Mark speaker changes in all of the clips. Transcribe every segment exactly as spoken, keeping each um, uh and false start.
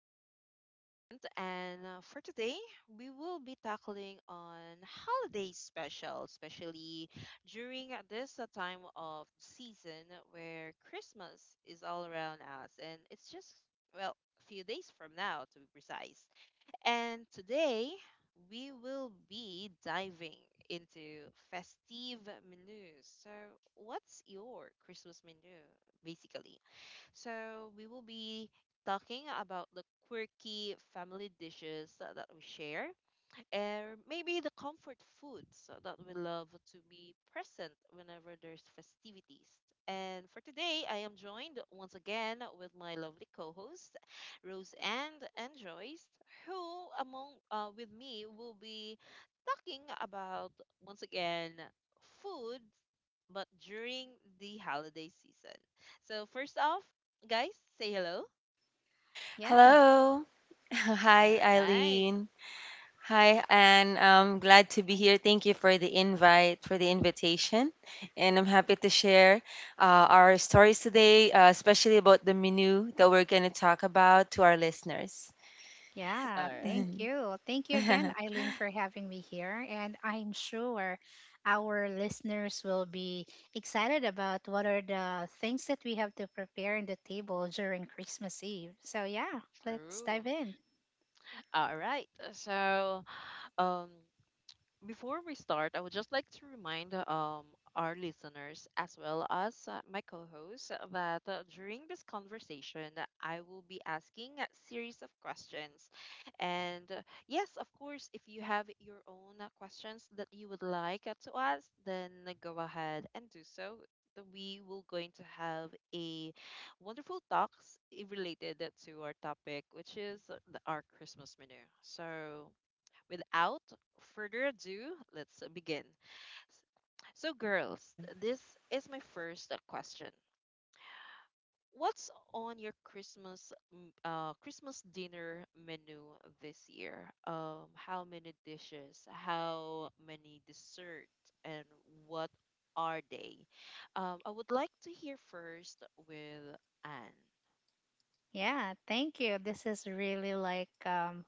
Speaker 1: to our segment. And uh, For today, we will be tackling on holiday special, especially during this uh, time of season where Christmas is all around us. And it's just, well, a few days from now to be precise. And today, we will be diving into festive menus. So, what's your Christmas menu, basically? So we will be talking about the quirky family dishes that that we share, or maybe the comfort foods that we love to be present whenever there's festivities. And for today, I am joined once again with my lovely co hosts Rose and and Joyce, who among uh, with me will be talking about once again food, but during the holiday season. So first off, guys, say hello.
Speaker 2: Yes.
Speaker 3: Hello.
Speaker 1: All
Speaker 3: Hi,
Speaker 1: right,
Speaker 3: Eileen. Hi, Anne. I'm glad to be
Speaker 2: I-
Speaker 3: here. Thank you for the invite, for the invitation. And I'm happy to share uh, our stories today, uh, especially about the menu that we're going to talk about to our listeners.
Speaker 1: all
Speaker 2: Yeah, thank
Speaker 1: right,
Speaker 2: you. Thank you again, Eileen, for having me here. And I'm sure our listeners will be excited about what are the things that we have to prepare in the table during Christmas Eve. So, yeah, let's
Speaker 1: true.
Speaker 2: dive in.
Speaker 1: All right. So, um, before we start, I would just like to remind um, our listeners as well as uh, my co host that uh, during this conversation, I will be asking a series of questions. And uh, yes, of course, if you have your own uh, questions that you would like uh, to ask, then go ahead and do so. Th- We will going to have a wonderful talks i- related uh, to our topic, which is uh, the- our Christmas menu. So without further ado, let's begin. S- So, girls, this is my first uh, question. What's on your Christmas m- uh, Christmas dinner menu this year? Um, how many dishes? How many dessert? And what are they? Um, I would like to hear first with Anne.
Speaker 2: Yeah, thank you. This is really like um,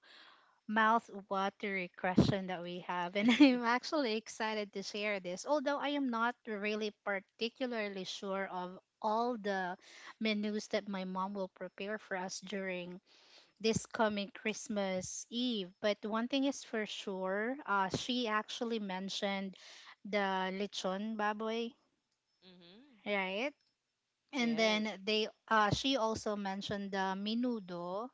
Speaker 2: mouth-watering question that we have, and I'm actually excited to share this. Although I am not really particularly sure of all the menus that my mom will prepare for us during this coming Christmas Eve, but one thing is for sure, uh, she actually mentioned the lechon baboy,
Speaker 1: Mm-hmm.
Speaker 2: right? And
Speaker 1: Yes.
Speaker 2: then they, uh, she also mentioned the menudo,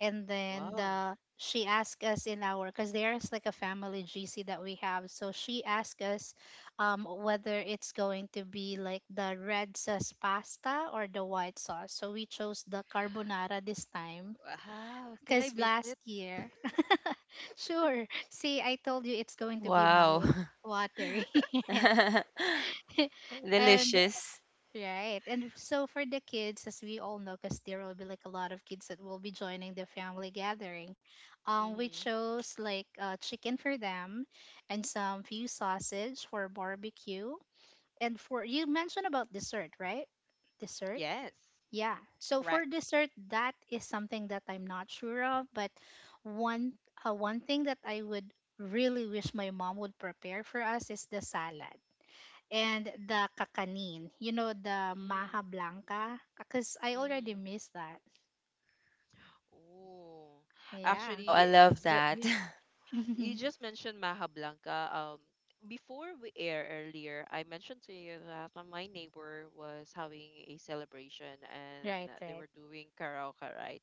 Speaker 2: and then
Speaker 1: Wow.
Speaker 2: the she asked us in our because there's like a family G C that we have. So she asked us um, whether it's going to be like the red sauce pasta or the white sauce. So we chose the carbonara this time
Speaker 1: Wow. Can I
Speaker 2: because last
Speaker 1: visit?
Speaker 2: year, sure. See, I told you it's going to be
Speaker 3: Wow.
Speaker 2: mouth watering. And
Speaker 3: Delicious.
Speaker 2: right. And so for the kids, as we all know, because there will be like a lot of kids that will be joining the family gathering, um, we
Speaker 1: Mm-hmm.
Speaker 2: chose like uh, chicken for them and some few sausage for barbecue. And for you mentioned about dessert, right? Dessert?
Speaker 1: Yes.
Speaker 2: Yeah. So for
Speaker 1: Correct.
Speaker 2: dessert, that is something that I'm not sure of, but one uh, one thing that I would really wish my mom would prepare for us is the salad and the kakanin. You know, the
Speaker 1: Mm,
Speaker 2: maha blanca? Because I already
Speaker 1: mhm.
Speaker 2: missed that.
Speaker 1: Oh,
Speaker 2: Yeah.
Speaker 3: Wow, I
Speaker 1: actually,
Speaker 3: love
Speaker 1: just,
Speaker 3: that.
Speaker 1: you, you just mentioned Maha Blanca. Um, before we air earlier, I mentioned to you that uh, my neighbor was having a celebration
Speaker 2: Right,
Speaker 1: and they
Speaker 2: right.
Speaker 1: were doing karaoke, right?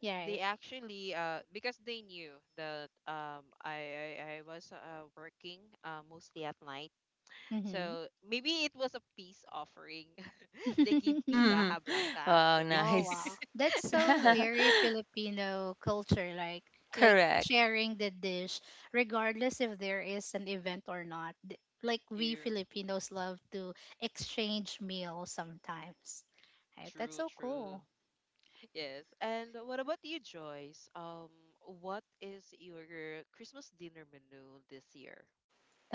Speaker 2: Yeah,
Speaker 1: They
Speaker 2: right.
Speaker 1: actually, uh, because they knew that um, I, I, I was uh, working uh, mostly at night,
Speaker 2: Hmm.
Speaker 1: so maybe it was a peace offering. They give me
Speaker 3: Mhm.
Speaker 1: Maha Blanca
Speaker 3: Wow,
Speaker 1: actually.
Speaker 2: Oh, wow.
Speaker 3: nice.
Speaker 2: That's
Speaker 1: So
Speaker 2: so
Speaker 1: thank
Speaker 2: very Filipino culture, like like
Speaker 3: Correct.
Speaker 2: sharing the dish, regardless if there is an event or not. Th- Like we
Speaker 1: you.
Speaker 2: Filipinos love to exchange meals sometimes. Right? That's
Speaker 1: True,
Speaker 2: so
Speaker 1: true.
Speaker 2: cool.
Speaker 1: Yes. And what about you, Joyce? Um, what is your Christmas dinner menu this year?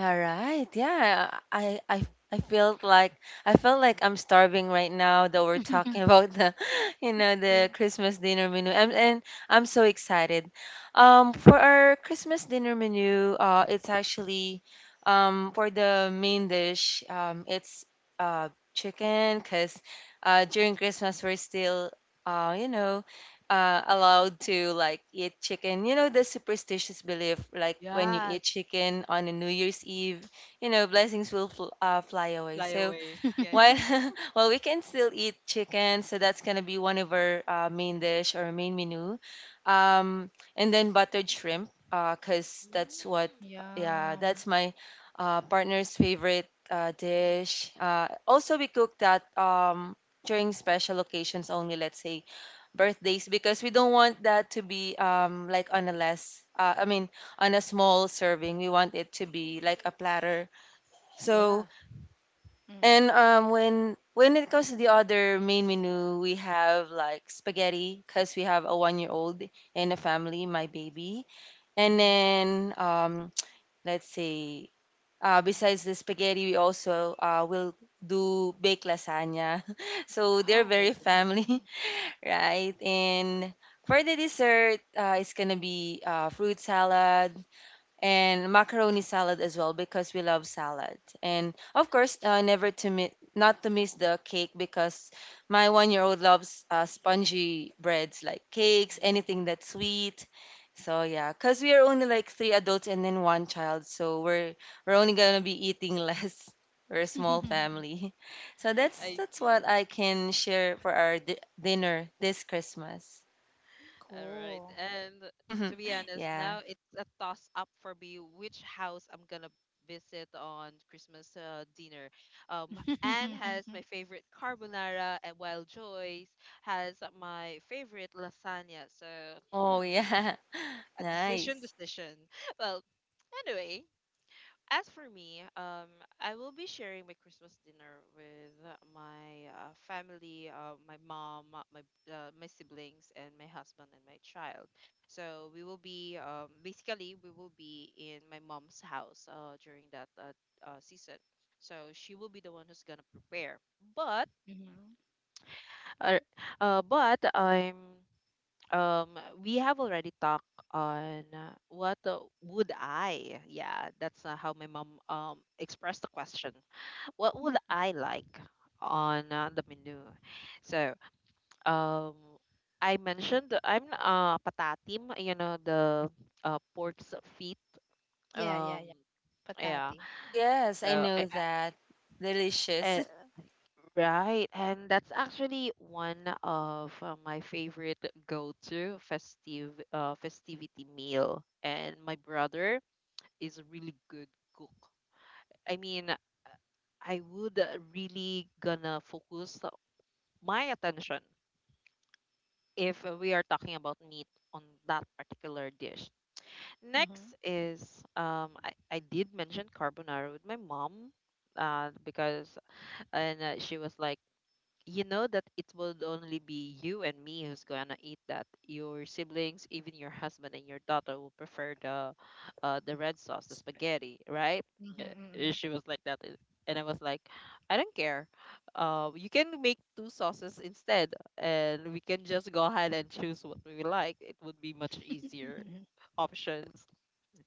Speaker 3: Alright, yeah. I I I felt like I felt like I'm starving right now that we're talking about the you know
Speaker 2: Food.
Speaker 3: the Christmas dinner menu. And and I'm so excited. Um for our Christmas dinner menu, uh it's actually, um for the main dish, um it's uh chicken cuz uh during Christmas we're still uh you know uh, allowed to like eat chicken. You know the superstitious belief, like when you eat
Speaker 1: Yes.
Speaker 3: chicken on a New Year's Eve, you know blessings will fl- uh, fly away.
Speaker 1: Fly
Speaker 3: So
Speaker 1: away. Yeah, yeah.
Speaker 3: well, well, we can still eat chicken, so that's gonna be one of our uh, main dish or main menu, um, and then buttered shrimp, uh, cause that's what,
Speaker 1: Mm,
Speaker 3: yeah,
Speaker 2: Yum.
Speaker 3: that's my uh, partner's favorite uh, dish. Uh, also, we cook that um, during special occasions only, let's say birthdays, because we don't want that to be um, like on a less, uh, I mean, on a small serving. We want it to be like a platter. So
Speaker 1: yeah.
Speaker 3: and
Speaker 2: Mm-hmm.
Speaker 3: um, when when it comes to the other main menu, we have like spaghetti because we have a one year old in the family, my baby. And
Speaker 2: Mm-hmm.
Speaker 3: then um, let's say uh, besides the spaghetti, we also uh, will do baked lasagna. So they're
Speaker 1: Oh my
Speaker 3: very
Speaker 1: goodness.
Speaker 3: family,
Speaker 2: Mm-hmm.
Speaker 3: right? And for the dessert, uh, it's gonna be uh, fruit salad, and macaroni salad as well because we love salad. And of course, uh, never to miss not to miss the cake because my one year old loves uh, spongy breads like cakes,
Speaker 1: Mm,
Speaker 3: anything that's sweet. So yeah, because we are only like three adults and then one child, so we're we're only gonna be eating less. We're a small
Speaker 1: mm.
Speaker 3: family, so that's
Speaker 1: I
Speaker 3: that's what
Speaker 1: see.
Speaker 3: I can share for our di- dinner this Christmas.
Speaker 1: All right.
Speaker 2: Cool.
Speaker 1: And to be honest,
Speaker 3: Yeah.
Speaker 1: now it's a toss up for me which house I'm gonna visit on Christmas uh, dinner. Um, Anne has my favorite carbonara, and while Joyce has my favorite lasagna. So,
Speaker 3: Oh
Speaker 1: hmm,
Speaker 3: yeah.
Speaker 1: a decision,
Speaker 3: Nice.
Speaker 1: decision. Well, anyway, as for me, um, I will be sharing my Christmas dinner with my uh, family, uh, my mom, uh, my uh, my siblings, and my husband and my child. So we will be um, basically we will be in my mom's house uh, during that uh, uh, season. So she will be the one who's gonna prepare. But
Speaker 2: Mhm.
Speaker 1: uh, uh, but I'm um we have already talked on uh, what uh, would I yeah, that's uh, how my mom um expressed the question, what would I like on uh, the menu. So um I mentioned that I'm uh patatim, you know, the uh pork's feet.
Speaker 2: Yeah, yeah,
Speaker 1: Um
Speaker 2: yeah.
Speaker 1: yeah
Speaker 2: Patati.
Speaker 3: Oh, yes, I
Speaker 1: so I
Speaker 3: know that. Delicious.
Speaker 1: And right, and that's actually one of uh, my favorite go-to festive uh, festivity meal. And my brother is a really good cook. I mean, uh, I would uh, really gonna focus my attention if we are talking about meat on that particular dish.
Speaker 2: Mm-hmm.
Speaker 1: Next is um I, I did mention carbonara with my mom uh because and uh, she was like, you know that it would only be you and me who's gonna eat that. Your siblings, even your husband and your daughter, will prefer the, uh, the red sauce, the spaghetti, right? Yeah, eh,
Speaker 2: Mm-hmm,
Speaker 1: she was like that, eh, and I was like, I don't care. Uh, you can make two sauces instead, and we can just go ahead and choose what we like. It would be much easier
Speaker 2: mm-hmm.
Speaker 1: options.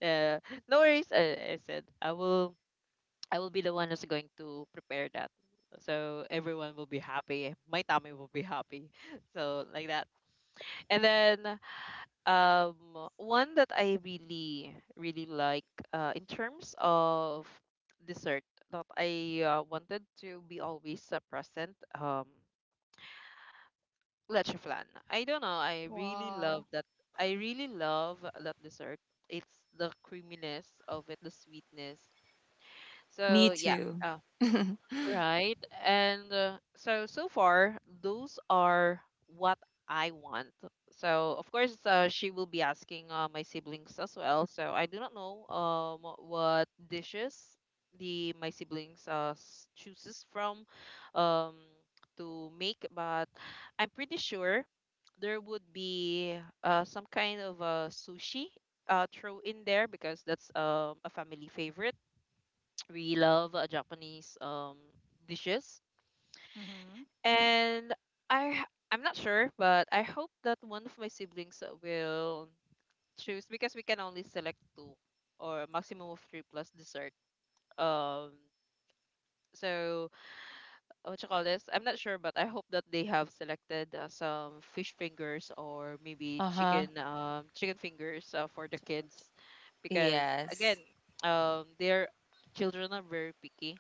Speaker 1: Uh, no worries. I, I said I will I will be the one who's going to prepare that. So everyone will be happy. My tummy will be happy. So like that. And then um one that I really really like uh in terms of dessert that I uh, wanted to be always uh, present um leche flan. I don't know. I really love
Speaker 2: Wow.
Speaker 1: that. I really love that dessert. It's the creaminess of it, the sweetness.
Speaker 3: Me
Speaker 1: So yeah.
Speaker 3: too.
Speaker 1: uh, Right. And uh, so so far those are what I want. So of course uh, she will be asking uh, my siblings as well. So I do not know um what dishes the my siblings uh s- chooses from um to make. But I'm pretty sure there would be uh some kind of uh, sushi uh throw in there because that's um a family favorite. We love uh, Japanese um dishes.
Speaker 2: Mm-hmm.
Speaker 1: And I h- I'm not sure, but I hope that one of my siblings uh, will choose, because we can only select two or a maximum of three plus dessert. Um, so uh, what you call this? I'm not sure, but I hope that they have selected uh, some fish fingers, or maybe
Speaker 3: Uh huh.
Speaker 1: chicken um chicken fingers uh, for the kids, because again,
Speaker 3: Yes.
Speaker 1: um, their children are very picky.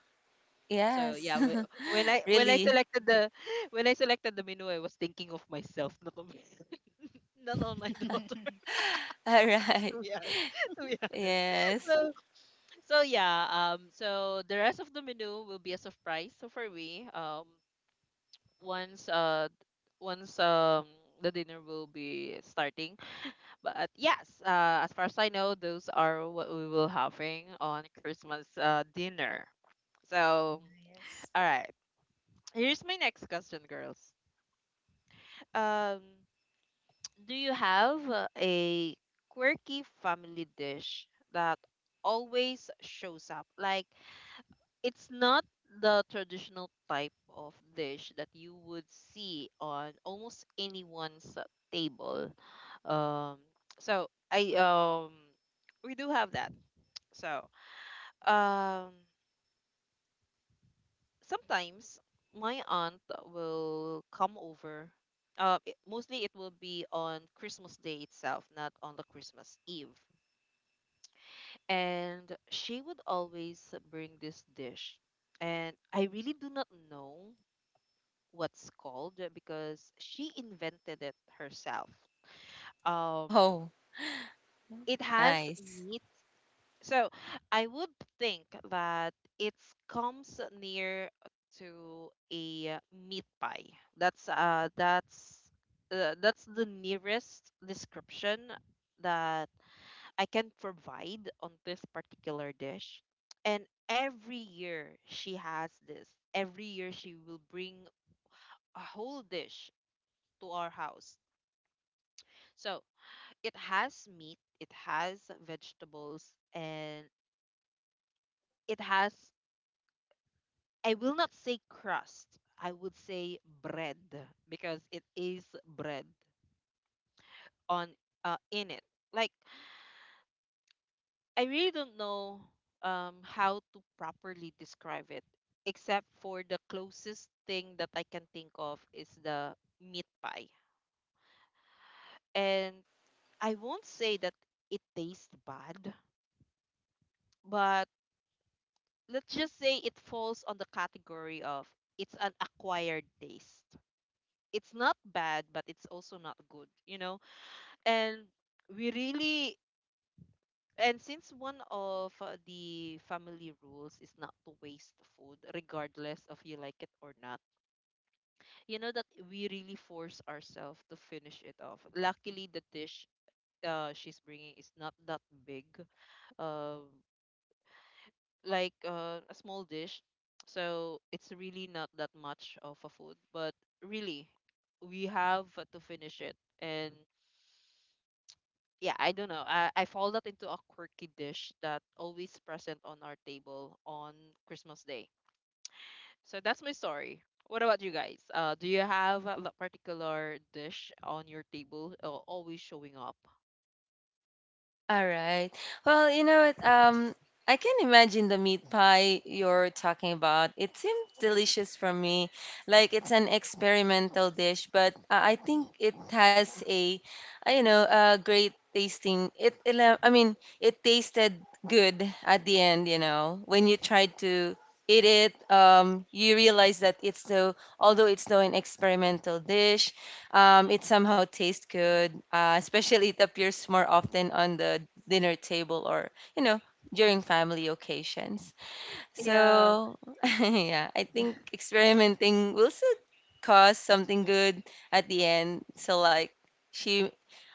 Speaker 1: So
Speaker 3: Yes.
Speaker 1: yeah, whe- when I when I
Speaker 3: Really.
Speaker 1: selected the when I selected the menu, I was thinking of myself, not of not on my daughter.
Speaker 3: All right.
Speaker 1: To be honest, to be honest.
Speaker 3: Yes.
Speaker 1: So so yeah. Um. So the rest of the menu will be a surprise. So for me. Um. Once uh once um the dinner will be starting. But yes, uh, as far as I know, those are what we will having on Christmas uh dinner. So
Speaker 2: Nice.
Speaker 1: all right. Here's my next question, girls. Um. Do you have uh, a quirky family dish that always shows up? Like, it's not the traditional type of dish that you would see on almost anyone's uh, table. Um, so I um we do have that. So, um, sometimes my aunt will come over. Uh, it- mostly it will be on Christmas Day itself, not on the Christmas Eve, and she would always bring this dish. And I really do not know what's called uh, because she invented it herself. um
Speaker 3: Oh,
Speaker 1: it has
Speaker 3: nice.
Speaker 1: meat, so I would think that it comes near to a uh, meat pie. That's uh that's uh, that's the nearest description that I can provide on this particular dish. And every year she has this. Every year she will bring a whole dish to our house. So it has meat, it has vegetables, and it has, I will not say crust, I would say bread, because it is bread on uh, in it. Like, I really don't know um, how to properly describe it, except for the closest thing that I can think of is the meat pie. And I won't say that it tastes bad, but let's just say it falls on the category of, it's an acquired taste. It's not bad, but it's also not good, you know? And we really And since one of uh, the family rules is not to waste food, regardless of you like it or not, you know that we really force ourselves to finish it off. Luckily, the dish uh, she's bringing is not that big, uh, like uh, a small dish. So it's really not that much of a food, but really, we have to finish it. And yeah, I don't know. I, I fall that into a quirky dish that always present on our table on Christmas Day. So that's my story. What about you guys? Uh, do you have a lo- particular dish on your table uh, always showing up?
Speaker 3: All right. Well, you know what? Um, I can imagine the meat pie you're talking about. It seemed delicious for me. Like it's an experimental dish, but uh, I think
Speaker 1: Mhm.
Speaker 3: it has a, uh, you know, a great tasting. It, it, uh, I mean, it tasted good at the end. You know, when you tried to eat it, um, you realize that it's so. Although it's still an experimental dish, um, it
Speaker 1: Mm.
Speaker 3: somehow tastes good, uh, especially it appears more often on the dinner table or, you know, during family occasions.
Speaker 1: Yeah.
Speaker 3: So, yeah, I think experimenting will still cause something good at the end. So, like, she,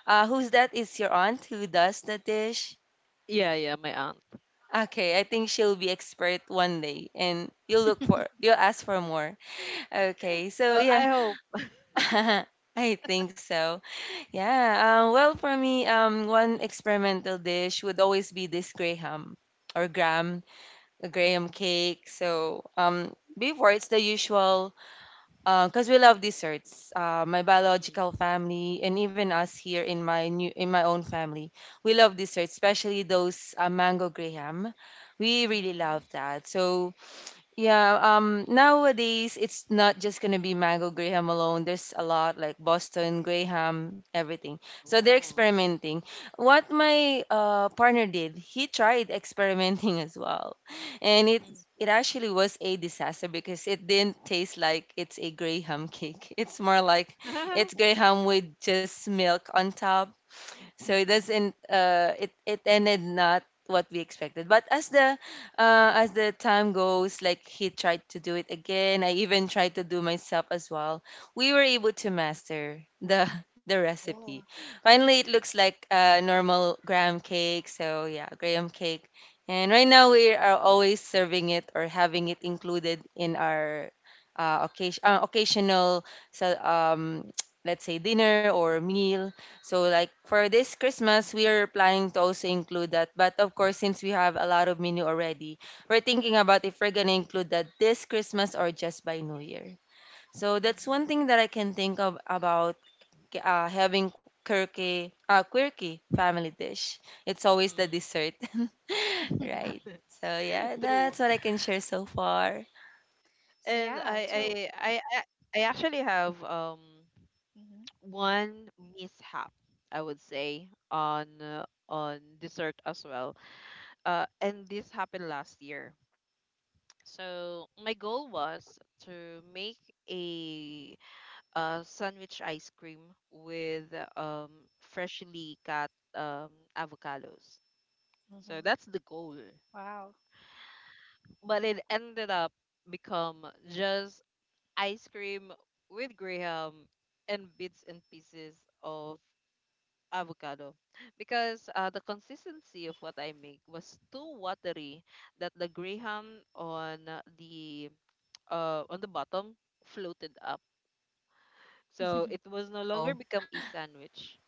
Speaker 3: uh, who's that? Is your aunt who does the dish?
Speaker 1: Yeah, yeah, my aunt.
Speaker 3: Okay, I think she'll be expert one day, and you'll look for, you'll ask for more. Okay, so
Speaker 1: Uh, I
Speaker 3: yeah,
Speaker 1: hope.
Speaker 3: I think so. Yeah, um, well, for me, um, one experimental dish would always be this graham or graham, a graham cake. So, um, before it's the usual, because we love desserts. Uh, my
Speaker 1: Mm,
Speaker 3: biological family and even us here in my new in my own family, we love desserts, especially those uh, mango graham. We really
Speaker 1: mm,
Speaker 2: Mm-hmm.
Speaker 3: love that. So yeah, um, nowadays it's not just gonna be Mango Graham alone. There's a lot like Boston Graham, everything. So they're
Speaker 1: oh,
Speaker 3: experimenting. What my uh, partner did, he tried experimenting as well, and it
Speaker 1: mm.
Speaker 3: it actually was a disaster because it didn't taste like it's a Graham cake. It's more like it's Graham with just milk on top, so it
Speaker 2: Mm-hmm.
Speaker 3: doesn't uh, it it ended not what we expected but as the uh, as the time goes, like he tried to do it again. I even tried to do myself as well. We were able to master the the recipe
Speaker 2: Cool.
Speaker 3: finally. It looks like uh, normal graham cake. So yeah, graham cake, and right now we are always serving it or having it included in our uh, occasion, uh, occasional, so um let's say dinner or meal. So like for this Christmas, we are planning to also include that. But of course, since we have a lot of menu already, we're thinking about if we're gonna include that this Christmas or just by New Year. So that's one
Speaker 2: Mm-hmm.
Speaker 3: thing that I can think of about uh, having quirky, uh, quirky family dish. It's always the
Speaker 1: Mm.
Speaker 3: dessert, right? So yeah,
Speaker 1: True.
Speaker 3: that's what I can share so far.
Speaker 2: So,
Speaker 1: And
Speaker 2: yeah. So,
Speaker 1: I, I, I, I I actually have um.
Speaker 2: mm-hmm.
Speaker 1: One mishap, I would say, on uh, on dessert as well. Uh, and this happened last year. So my goal was to make a, uh sandwich ice cream with um freshly cut um avocados. So
Speaker 2: Mm-hmm.
Speaker 1: that's the goal.
Speaker 2: Wow.
Speaker 1: But it ended up become just ice cream with graham and bits and pieces of avocado, because uh, the consistency of what I make was too watery that the graham on uh, the uh, on the bottom floated up. So it was no longer
Speaker 3: Oh,
Speaker 1: become a sandwich.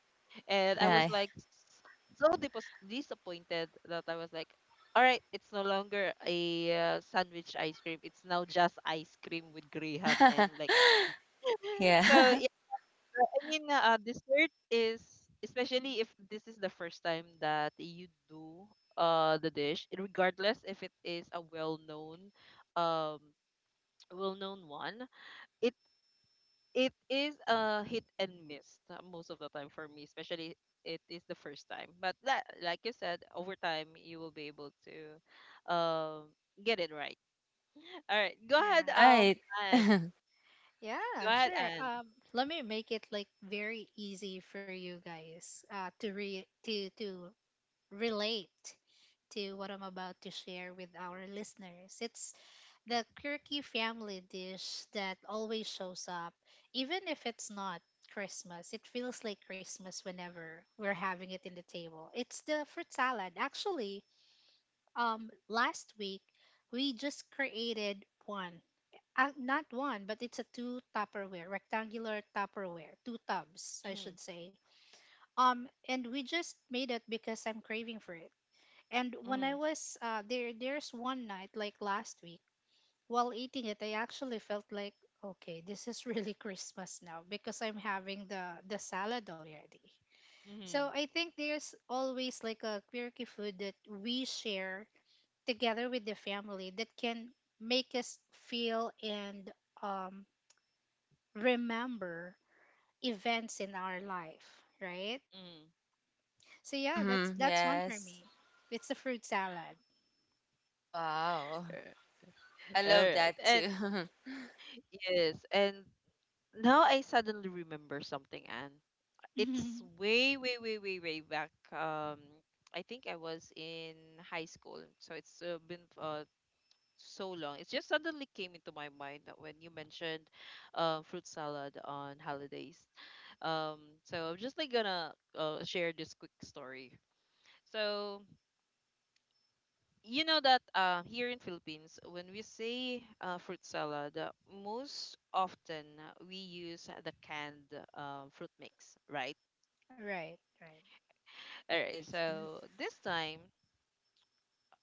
Speaker 1: And I was
Speaker 3: nice.
Speaker 1: like s- so dipos- disappointed that I was like, all right, it's no longer a uh, sandwich ice cream. It's now just ice cream with graham and like. So
Speaker 3: Yeah,
Speaker 1: I mean, uh, dessert is, especially if this is the first time that you do uh the dish, regardless if it is a well-known um well-known one. It it is a hit and miss uh, most of the time for me, especially it is the first time. But that, like you said, over time you will be able to um get it right. All right, go ahead,
Speaker 2: Yeah.
Speaker 1: um,
Speaker 3: right.
Speaker 1: and go
Speaker 2: Yeah,
Speaker 1: ahead,
Speaker 2: sure.
Speaker 1: and.
Speaker 2: Um, let me make it like very easy for you guys uh, to re to to relate to what I'm about to share with our listeners. It's the quirky family dish that always shows up, even if it's not Christmas. It feels like Christmas whenever we're having it in the table. It's the fruit salad. Actually, um, last week we just created one. Uh, not one, but it's a two Tupperware, rectangular Tupperware, two tubs, I
Speaker 1: Mm-hmm,
Speaker 2: should say. Um, and we just made it because I'm craving for it and when
Speaker 1: mm-hmm,
Speaker 2: I was uh, there, there's one night like last week while eating it, I actually felt like, okay, this is really Christmas now because I'm having the the salad already.
Speaker 1: mm-hmm,
Speaker 2: So I think there's always like a quirky food that we share together with the family that can make us feel and um, remember events in our life, right?
Speaker 1: mm-hmm.
Speaker 2: So yeah, that's
Speaker 3: Mm-hmm.
Speaker 2: that's one for
Speaker 3: Yes.
Speaker 2: me. It's the fruit salad.
Speaker 3: Wow. I
Speaker 1: All
Speaker 3: love that
Speaker 1: right.
Speaker 3: too.
Speaker 1: Yes, and now I suddenly remember something, and it's way, way, way, way, way back. Um, I think I was in high school, so it's uh, been uh, so long. It just suddenly came into my mind that when you mentioned uh, fruit salad on holidays. Um, so I'm just like gonna uh, share this quick story. So you know that uh, here in Philippines, when we say uh, fruit salad, uh, most often uh, we use the canned uh, fruit mix, right?
Speaker 2: Right, right.
Speaker 1: All right.
Speaker 3: Right.
Speaker 1: So this time,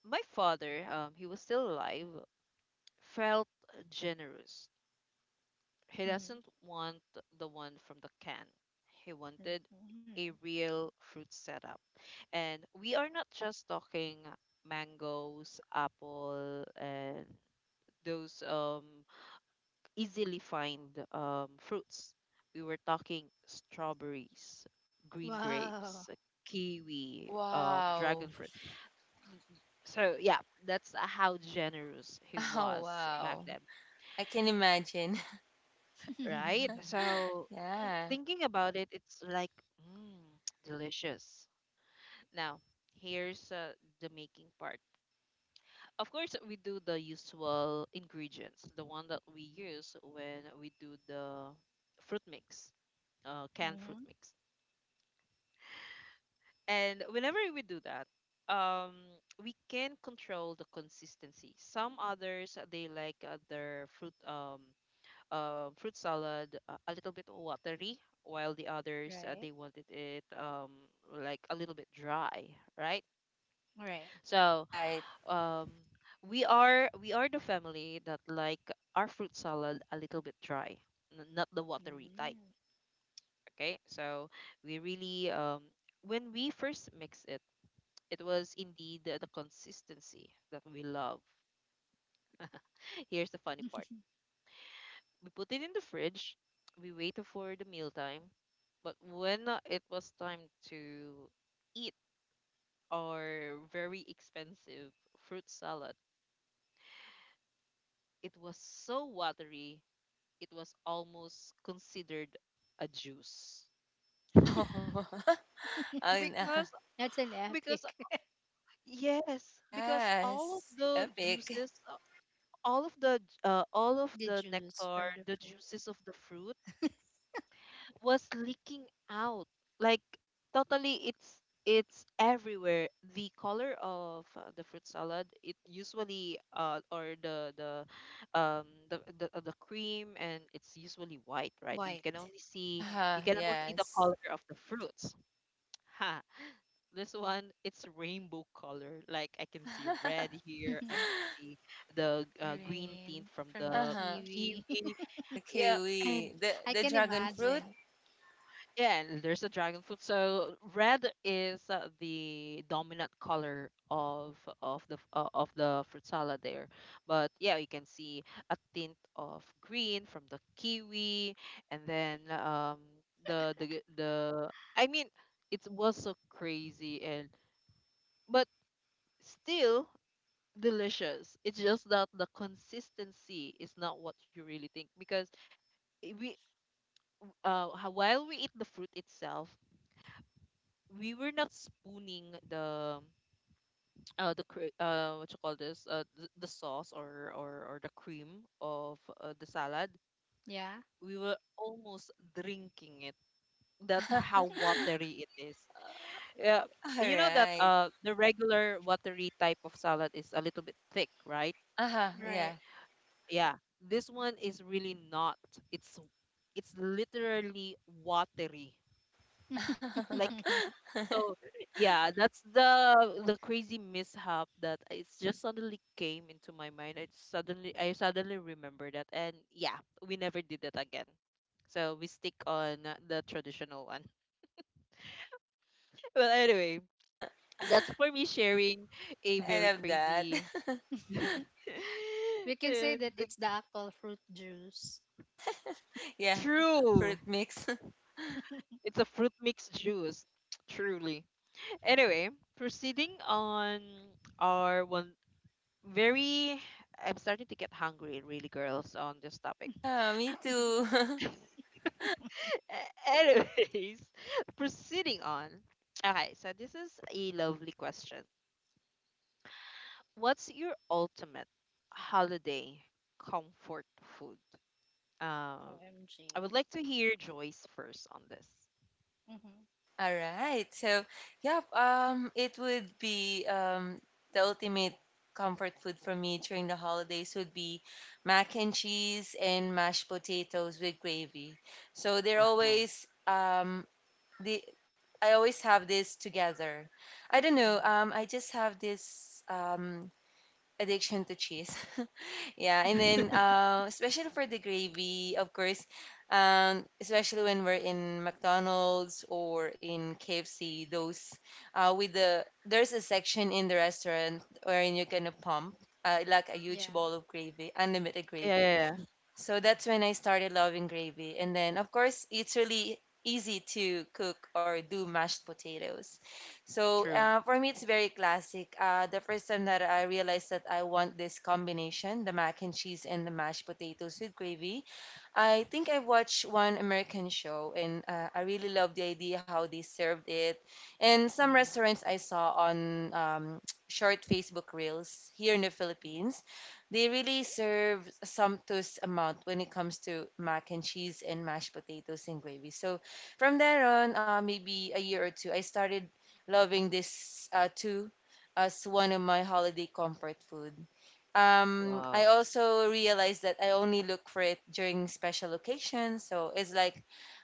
Speaker 1: my father, um, he was still alive, felt generous. He
Speaker 2: Mhm.
Speaker 1: doesn't want the one from the can. He wanted
Speaker 2: Mhm.
Speaker 1: a real fruit setup, and we are not just talking mangoes, apple, and those um easily find um, fruits. We were talking strawberries, green
Speaker 2: Wow.
Speaker 1: grapes, kiwi, um,
Speaker 3: Wow.
Speaker 1: dragon fruit. So yeah, that's how generous he
Speaker 3: Oh,
Speaker 1: was back
Speaker 3: wow.
Speaker 1: then,
Speaker 3: I can imagine.
Speaker 1: right? So
Speaker 3: Yeah.
Speaker 1: thinking about it, it's like mm, delicious. Now here's uh, the making part. Of course, we do the usual ingredients, the one that we use when we do the fruit mix, uh, canned fruit
Speaker 2: Mhm.
Speaker 1: mix. And whenever we do that, um, we can control the consistency. Some others uh, they like uh, their fruit um uh, fruit salad uh, a little bit watery, while the others uh,
Speaker 2: Right.
Speaker 1: they wanted it um like a little bit dry, right?
Speaker 2: Right.
Speaker 1: So
Speaker 3: Right.
Speaker 1: um we are we are the family that like our fruit salad a little bit dry, n- not the watery type.
Speaker 2: Mm.
Speaker 1: Okay, so we really um when we first mix it, it was indeed the, the, consistency that we love. Here's the funny part. We put it in the fridge. We waited for the mealtime. But when uh, it was time to eat our very expensive fruit salad, it was so watery, it was almost considered a juice.
Speaker 3: Oh. Oh no.
Speaker 1: Because,
Speaker 2: That's an
Speaker 1: because,
Speaker 2: epic.
Speaker 1: yes, because all of
Speaker 3: Yes.
Speaker 1: the
Speaker 3: Epic.
Speaker 1: juices, uh, all of the, j- uh, all of
Speaker 2: The
Speaker 1: the
Speaker 2: juice
Speaker 1: nectar,
Speaker 2: from the
Speaker 1: the
Speaker 2: fruit.
Speaker 1: juices of the fruit, was leaking out, like, totally, it's it's everywhere. The color of uh, the fruit salad, it usually uh or the the um the, the uh, the cream, and it's usually white, right? you can
Speaker 2: White.
Speaker 1: only see
Speaker 2: Right.
Speaker 1: you
Speaker 3: Uh-huh.
Speaker 1: can only see the
Speaker 3: Yes.
Speaker 1: color of the fruits. Ha This one, it's rainbow color. Like, I can see red here, I can see the uh, green tint
Speaker 2: Green
Speaker 1: from
Speaker 2: from the
Speaker 1: the
Speaker 3: Uh-huh.
Speaker 2: kiwi.
Speaker 1: kiwi,
Speaker 3: The
Speaker 1: yeah, and
Speaker 3: kiwi. The
Speaker 2: I
Speaker 3: the
Speaker 2: can
Speaker 3: dragon fruit.
Speaker 2: imagine.
Speaker 1: yeah, and there's a dragon fruit. So red is uh, the dominant color of of the f- uh, of the fruit salad there. But yeah, you can see a tint of green from the kiwi, and then um the the the I mean, it was so crazy, and but still delicious. It's just that the consistency is not what you really think, because i- we uh ho- while we eat the fruit itself, we were not spooning the uh the cre- uh what you call this uh the, the sauce or or or the cream of uh, the salad.
Speaker 2: Yeah.
Speaker 1: We were almost drinking it. That's
Speaker 3: All
Speaker 1: how watery it is. Yeah. You know that
Speaker 3: right.
Speaker 1: uh the regular watery type of salad is a little bit thick, right?
Speaker 3: Uh-huh. Yeah.
Speaker 2: Right.
Speaker 1: Yeah. This one is really not, it's it's literally watery, like. So yeah, that's the the crazy mishap that it just suddenly came into my mind. I suddenly I suddenly remember that, and yeah, we never did that again. So we stick on the traditional one. Well, anyway, that's for me sharing a
Speaker 3: I
Speaker 1: very
Speaker 3: love that.
Speaker 1: crazy.
Speaker 2: We can say
Speaker 1: Eh,
Speaker 2: that
Speaker 1: the,
Speaker 2: it's the actual fruit juice.
Speaker 3: Yeah. Fruit
Speaker 1: true,
Speaker 3: mix.
Speaker 1: it's a fruit mixed juice. Truly. Anyway, proceeding on our one very, I'm starting to get hungry, really, girls, on this topic.
Speaker 3: Yeah, me too.
Speaker 1: Anyways, proceeding on. Okay, so this is a lovely question. What's your ultimate holiday comfort food? Um, I
Speaker 2: O M G.
Speaker 1: would like to hear Joyce first on this.
Speaker 2: Mm-hmm.
Speaker 3: All right. So, yep, um, it would be, um, the ultimate comfort food for me during the holidays would be mac and cheese and mashed potatoes with gravy. So they're
Speaker 1: Wow.
Speaker 3: always um the I always have this together. I don't know.
Speaker 1: Mhm.
Speaker 3: Um, I just have this um addiction to cheese. Yeah, and then uh, especially for the gravy, of course, um, especially when we're in McDonald's or in K F C, those uh, with the there's a section in the restaurant wherein you can pump uh, like a huge
Speaker 2: Yeah.
Speaker 3: bowl of gravy, unlimited
Speaker 1: Yeah,
Speaker 3: gravy.
Speaker 1: yeah, yeah.
Speaker 3: So that's when I started loving gravy. And then, of course, it's really easy to cook or do mashed potatoes. So
Speaker 1: True.
Speaker 3: uh, for me, it's very classic. Uh, the first time that I realized that I want this combination, the mac and cheese and the mashed potatoes with gravy, I think I watched one American show and uh, I really love the idea how they served it. And some
Speaker 1: Hmm.
Speaker 3: restaurants I saw on um, short Facebook reels here in the Philippines, they really serve a sumptuous amount when it comes to mac and cheese and mashed potatoes and gravy. So from there on, uh, maybe a year or two, I started loving this uh, too as one of my holiday comfort food. um I
Speaker 1: Wow.
Speaker 3: also realized that I only look for it during special occasions. So it's like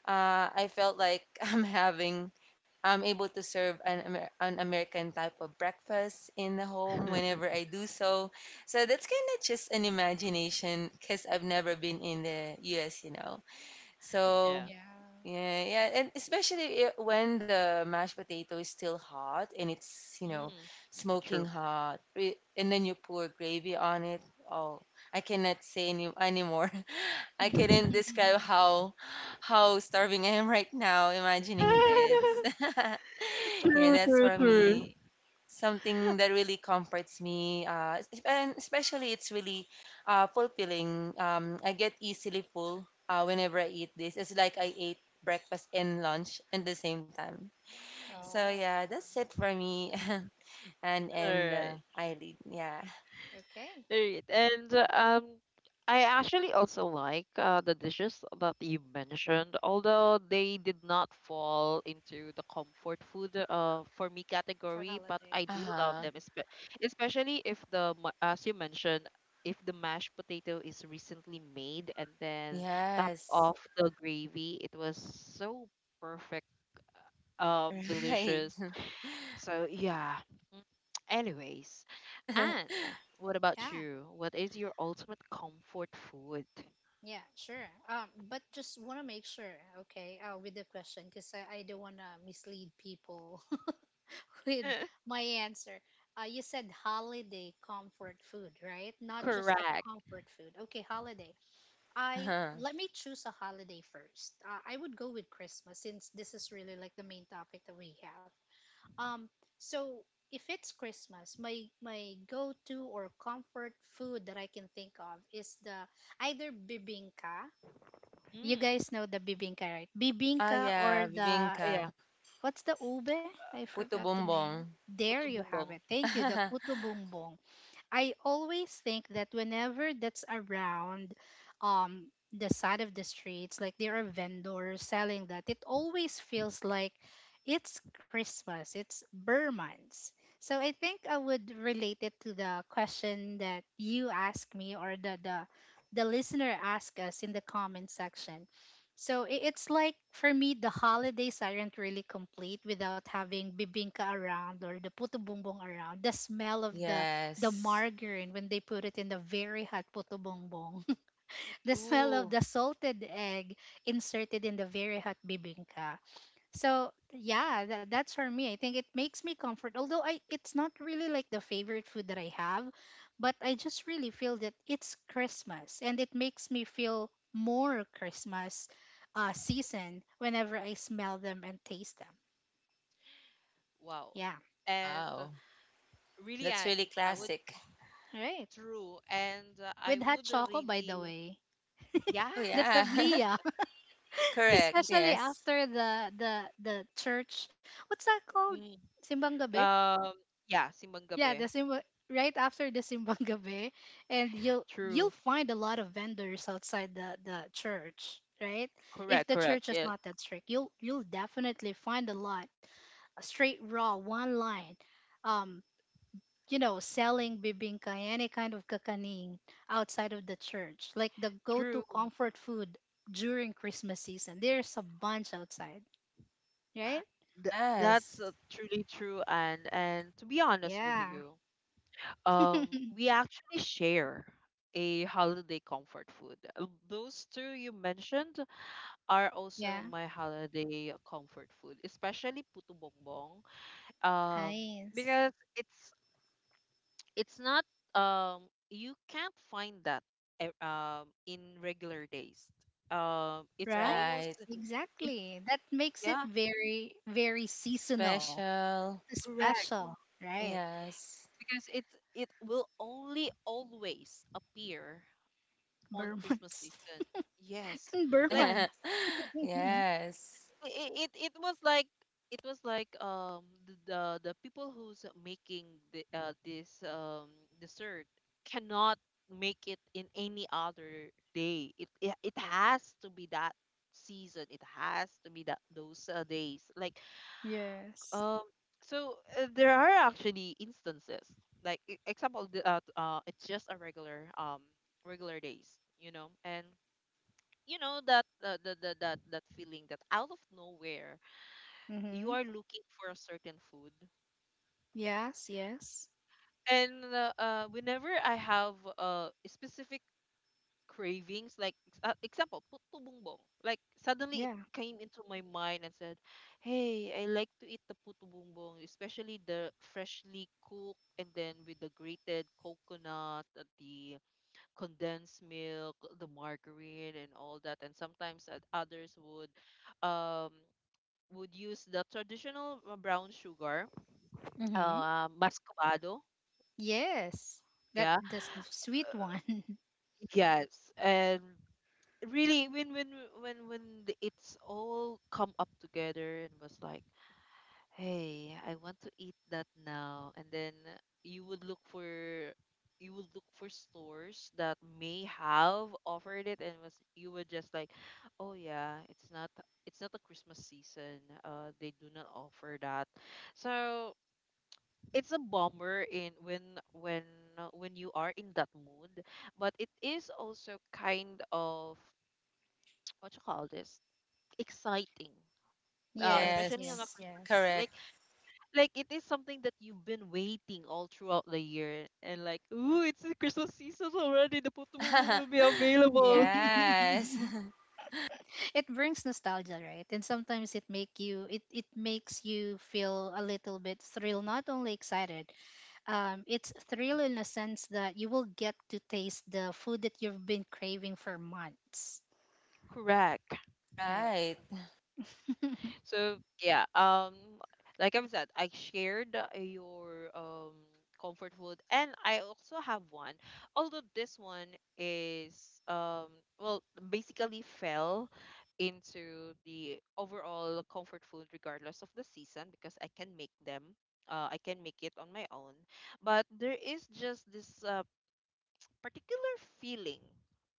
Speaker 3: uh, I felt like I'm having I'm able to serve an Amer- an American type of breakfast in the home whenever I do so. So that's kind of just an imagination because I've never been in the U S, you know.
Speaker 1: Yeah.
Speaker 3: So
Speaker 2: Yeah.
Speaker 3: yeah, yeah, and especially i- when the mashed potato is still hot and it's, you know,
Speaker 1: Mm.
Speaker 3: smoking
Speaker 1: True.
Speaker 3: hot, re- and then you pour gravy on it. Oh, I cannot say any anymore. I couldn't describe how how starving I am right now imagining this. Yeah,
Speaker 1: True,
Speaker 3: that's for
Speaker 1: true, true.
Speaker 3: me something that really comforts me, uh, es- and especially it's really uh, fulfilling. um, I get easily full uh, whenever I eat this. It's like I ate breakfast and lunch at the same time.
Speaker 1: All
Speaker 3: So yeah,
Speaker 2: Oh,
Speaker 3: that's it for me. And and uh,
Speaker 1: right.
Speaker 3: eyelid, yeah.
Speaker 2: okay.
Speaker 1: All right. And uh, um I actually also like uh, the dishes that you mentioned, although they did not fall into the comfort food uh, for me
Speaker 2: For
Speaker 1: category, but
Speaker 2: holiday.
Speaker 1: I do love
Speaker 3: Uh-huh.
Speaker 1: them, espe- especially if the, ma- as you mentioned, if the mashed potato is recently made and then top
Speaker 3: Yes.
Speaker 1: off the gravy, it was so perfect, um,
Speaker 3: Right.
Speaker 1: delicious. So yeah. Mm. Anyways, Anne, what about
Speaker 2: Yeah,
Speaker 1: you? What is your ultimate comfort food?
Speaker 2: yeah, sure. Um, but just want to make sure, okay, uh, with the question, because I, I don't want to mislead people with my answer. Uh, you said holiday comfort food, right? Not just a
Speaker 1: Correct.
Speaker 2: comfort food. Okay, holiday. I
Speaker 3: Uh-huh.
Speaker 2: Let me choose a holiday first. Uh, I would go with Christmas since this is really like the main topic that we have. Um, so if it's Christmas, my my go-to or comfort food that I can think of is the either bibingka. You
Speaker 1: Mm.
Speaker 2: guys know the bibingka, right?
Speaker 3: Ah
Speaker 2: Bibingka
Speaker 3: yeah,
Speaker 2: or the
Speaker 3: bibingka.
Speaker 1: Yeah, yeah.
Speaker 2: what's the ube? I
Speaker 3: Puto
Speaker 2: forgot the
Speaker 3: bombong.
Speaker 2: name. There
Speaker 1: Puto
Speaker 2: you have
Speaker 1: bumbong.
Speaker 2: it. Thank you, the puto bumbong. I always think that whenever that's around um the side of the streets, like there are vendors selling that, it always feels like it's Christmas, it's Burmans. So I think I would relate it to the question that you asked me or the the, the listener asked us in the comment section. So i- it's like for me the holidays aren't really complete without having bibingka around or the puto bumbong around. The smell of the the
Speaker 3: Yes.
Speaker 2: margarine when they put it in the very hot puto bongbong,
Speaker 1: Mm,
Speaker 2: the smell of
Speaker 1: true.
Speaker 2: the salted egg inserted in the very hot bibingka. So yeah, that, that's for me. I think it makes me comfort. Although I, it's not really like the favorite food that I have, but I just really feel that it's Christmas and it makes me feel more Christmas uh, season whenever I smell them and taste them.
Speaker 1: Wow.
Speaker 2: Yeah.
Speaker 1: And uh,
Speaker 3: Wow,
Speaker 1: really,
Speaker 3: that's
Speaker 1: Anne,
Speaker 3: really
Speaker 1: I would
Speaker 3: classic.
Speaker 2: All right.
Speaker 1: true, and uh, I
Speaker 2: With hot
Speaker 1: would
Speaker 2: choco,
Speaker 1: really
Speaker 2: by the way.
Speaker 3: Oh
Speaker 2: The
Speaker 1: yes.
Speaker 3: yeah.
Speaker 2: tablilla.
Speaker 3: Correct.
Speaker 1: Y-
Speaker 2: Especially
Speaker 3: Yes.
Speaker 2: after the the the church. What's that called?
Speaker 1: mm,
Speaker 2: Simbang gabi?
Speaker 1: Um, yeah, simbang
Speaker 2: Yeah,
Speaker 1: gabi.
Speaker 2: the simba right after the simbang gabi, and you'll you'll
Speaker 1: True.
Speaker 2: find a lot of vendors outside the the church, right? If
Speaker 1: Correct.
Speaker 2: the
Speaker 1: Correct.
Speaker 2: church is
Speaker 1: Yes.
Speaker 2: not that strict, you'll you'll definitely find a lot a straight raw one line. Um, you know, selling bibingka, any kind of kakaning outside of the church, like the go-to
Speaker 1: True.
Speaker 2: comfort food during Christmas season. There's a bunch outside, right?
Speaker 1: Th- that's
Speaker 3: Yes.
Speaker 1: uh, truly true, and and to be honest with
Speaker 2: Yeah.
Speaker 1: you, um we actually share a holiday comfort food. Uh, those two you mentioned are also
Speaker 2: Yeah.
Speaker 1: my holiday comfort food, especially puto bongbong, um
Speaker 2: Nice.
Speaker 1: because it's it's not um you can't find that e- um in regular days. Um it's
Speaker 2: Right?
Speaker 3: Right.
Speaker 1: almost, it,
Speaker 2: Exactly. That makes it
Speaker 1: yeah,
Speaker 2: very, very seasonal,
Speaker 3: Special.
Speaker 1: correct,
Speaker 2: special. Right.
Speaker 3: Yes.
Speaker 1: because it it will only always appear on Christmas
Speaker 2: Burmans.
Speaker 1: season. Yes,
Speaker 2: And
Speaker 1: like,
Speaker 2: Burmans.
Speaker 3: Yes.
Speaker 1: it it, it was like it was like um the the, the people who's making the uh, this um dessert cannot make it in any other day. It it, it has to be that season. It has to be that those uh, days. Like,
Speaker 2: Yes.
Speaker 1: Um, so uh, there are actually instances like, e- example, the, uh, t- uh it's just a regular, um regular days, you know, and you know that uh, the, the that that feeling that out of nowhere you
Speaker 2: Mm-hmm.
Speaker 1: are looking for a certain food,
Speaker 2: Yes. Yes.
Speaker 1: and uh, uh, whenever I have a specific cravings, like, ex- uh, example, puto bumbong, like, suddenly it
Speaker 2: Yeah.
Speaker 1: came into my mind and said, hey, I like to eat the puto bumbong, especially the freshly cooked, and then with the grated coconut, uh, the condensed milk, the margarine, and all that. And sometimes uh, others would um would use the traditional uh, brown sugar,
Speaker 2: Mm-hmm.
Speaker 1: uh mascovado.
Speaker 2: Yes. That
Speaker 1: Yeah.
Speaker 2: that's the sweet one.
Speaker 1: Yes, and really, when when when when the- it's all come up together, and was like, hey, I want to eat that now, and then you would look for you would look for stores that may have offered it, and was you were just like, oh yeah, it's not it's not the Christmas season, uh they do not offer that. So it's a bummer, in when when uh, when you are in that mood. But it is also kind of, what you call this, exciting, uh
Speaker 2: Yes.
Speaker 1: especially on a
Speaker 3: Yes.
Speaker 2: Yes.
Speaker 1: Christmas season,
Speaker 2: Yes.
Speaker 3: Correct.
Speaker 1: like like it is something that you've been waiting all throughout the year, and, like, ooh, it's the Christmas season already, the Pokemon will be available.
Speaker 3: Yes.
Speaker 2: It brings nostalgia right and sometimes it make you it, it makes you feel a little bit thrilled not only excited, um, it's thrill in a sense that you will get to taste the food that you've been craving for months
Speaker 1: Correct.
Speaker 2: right.
Speaker 3: Right.
Speaker 1: So yeah, um, like I've said, I shared uh, your um comfort food, and I also have one. Although this one is um well, basically fell into the overall comfort food regardless of the season, because I can make them. Uh, I can make it on my own, but there is just this uh, particular feeling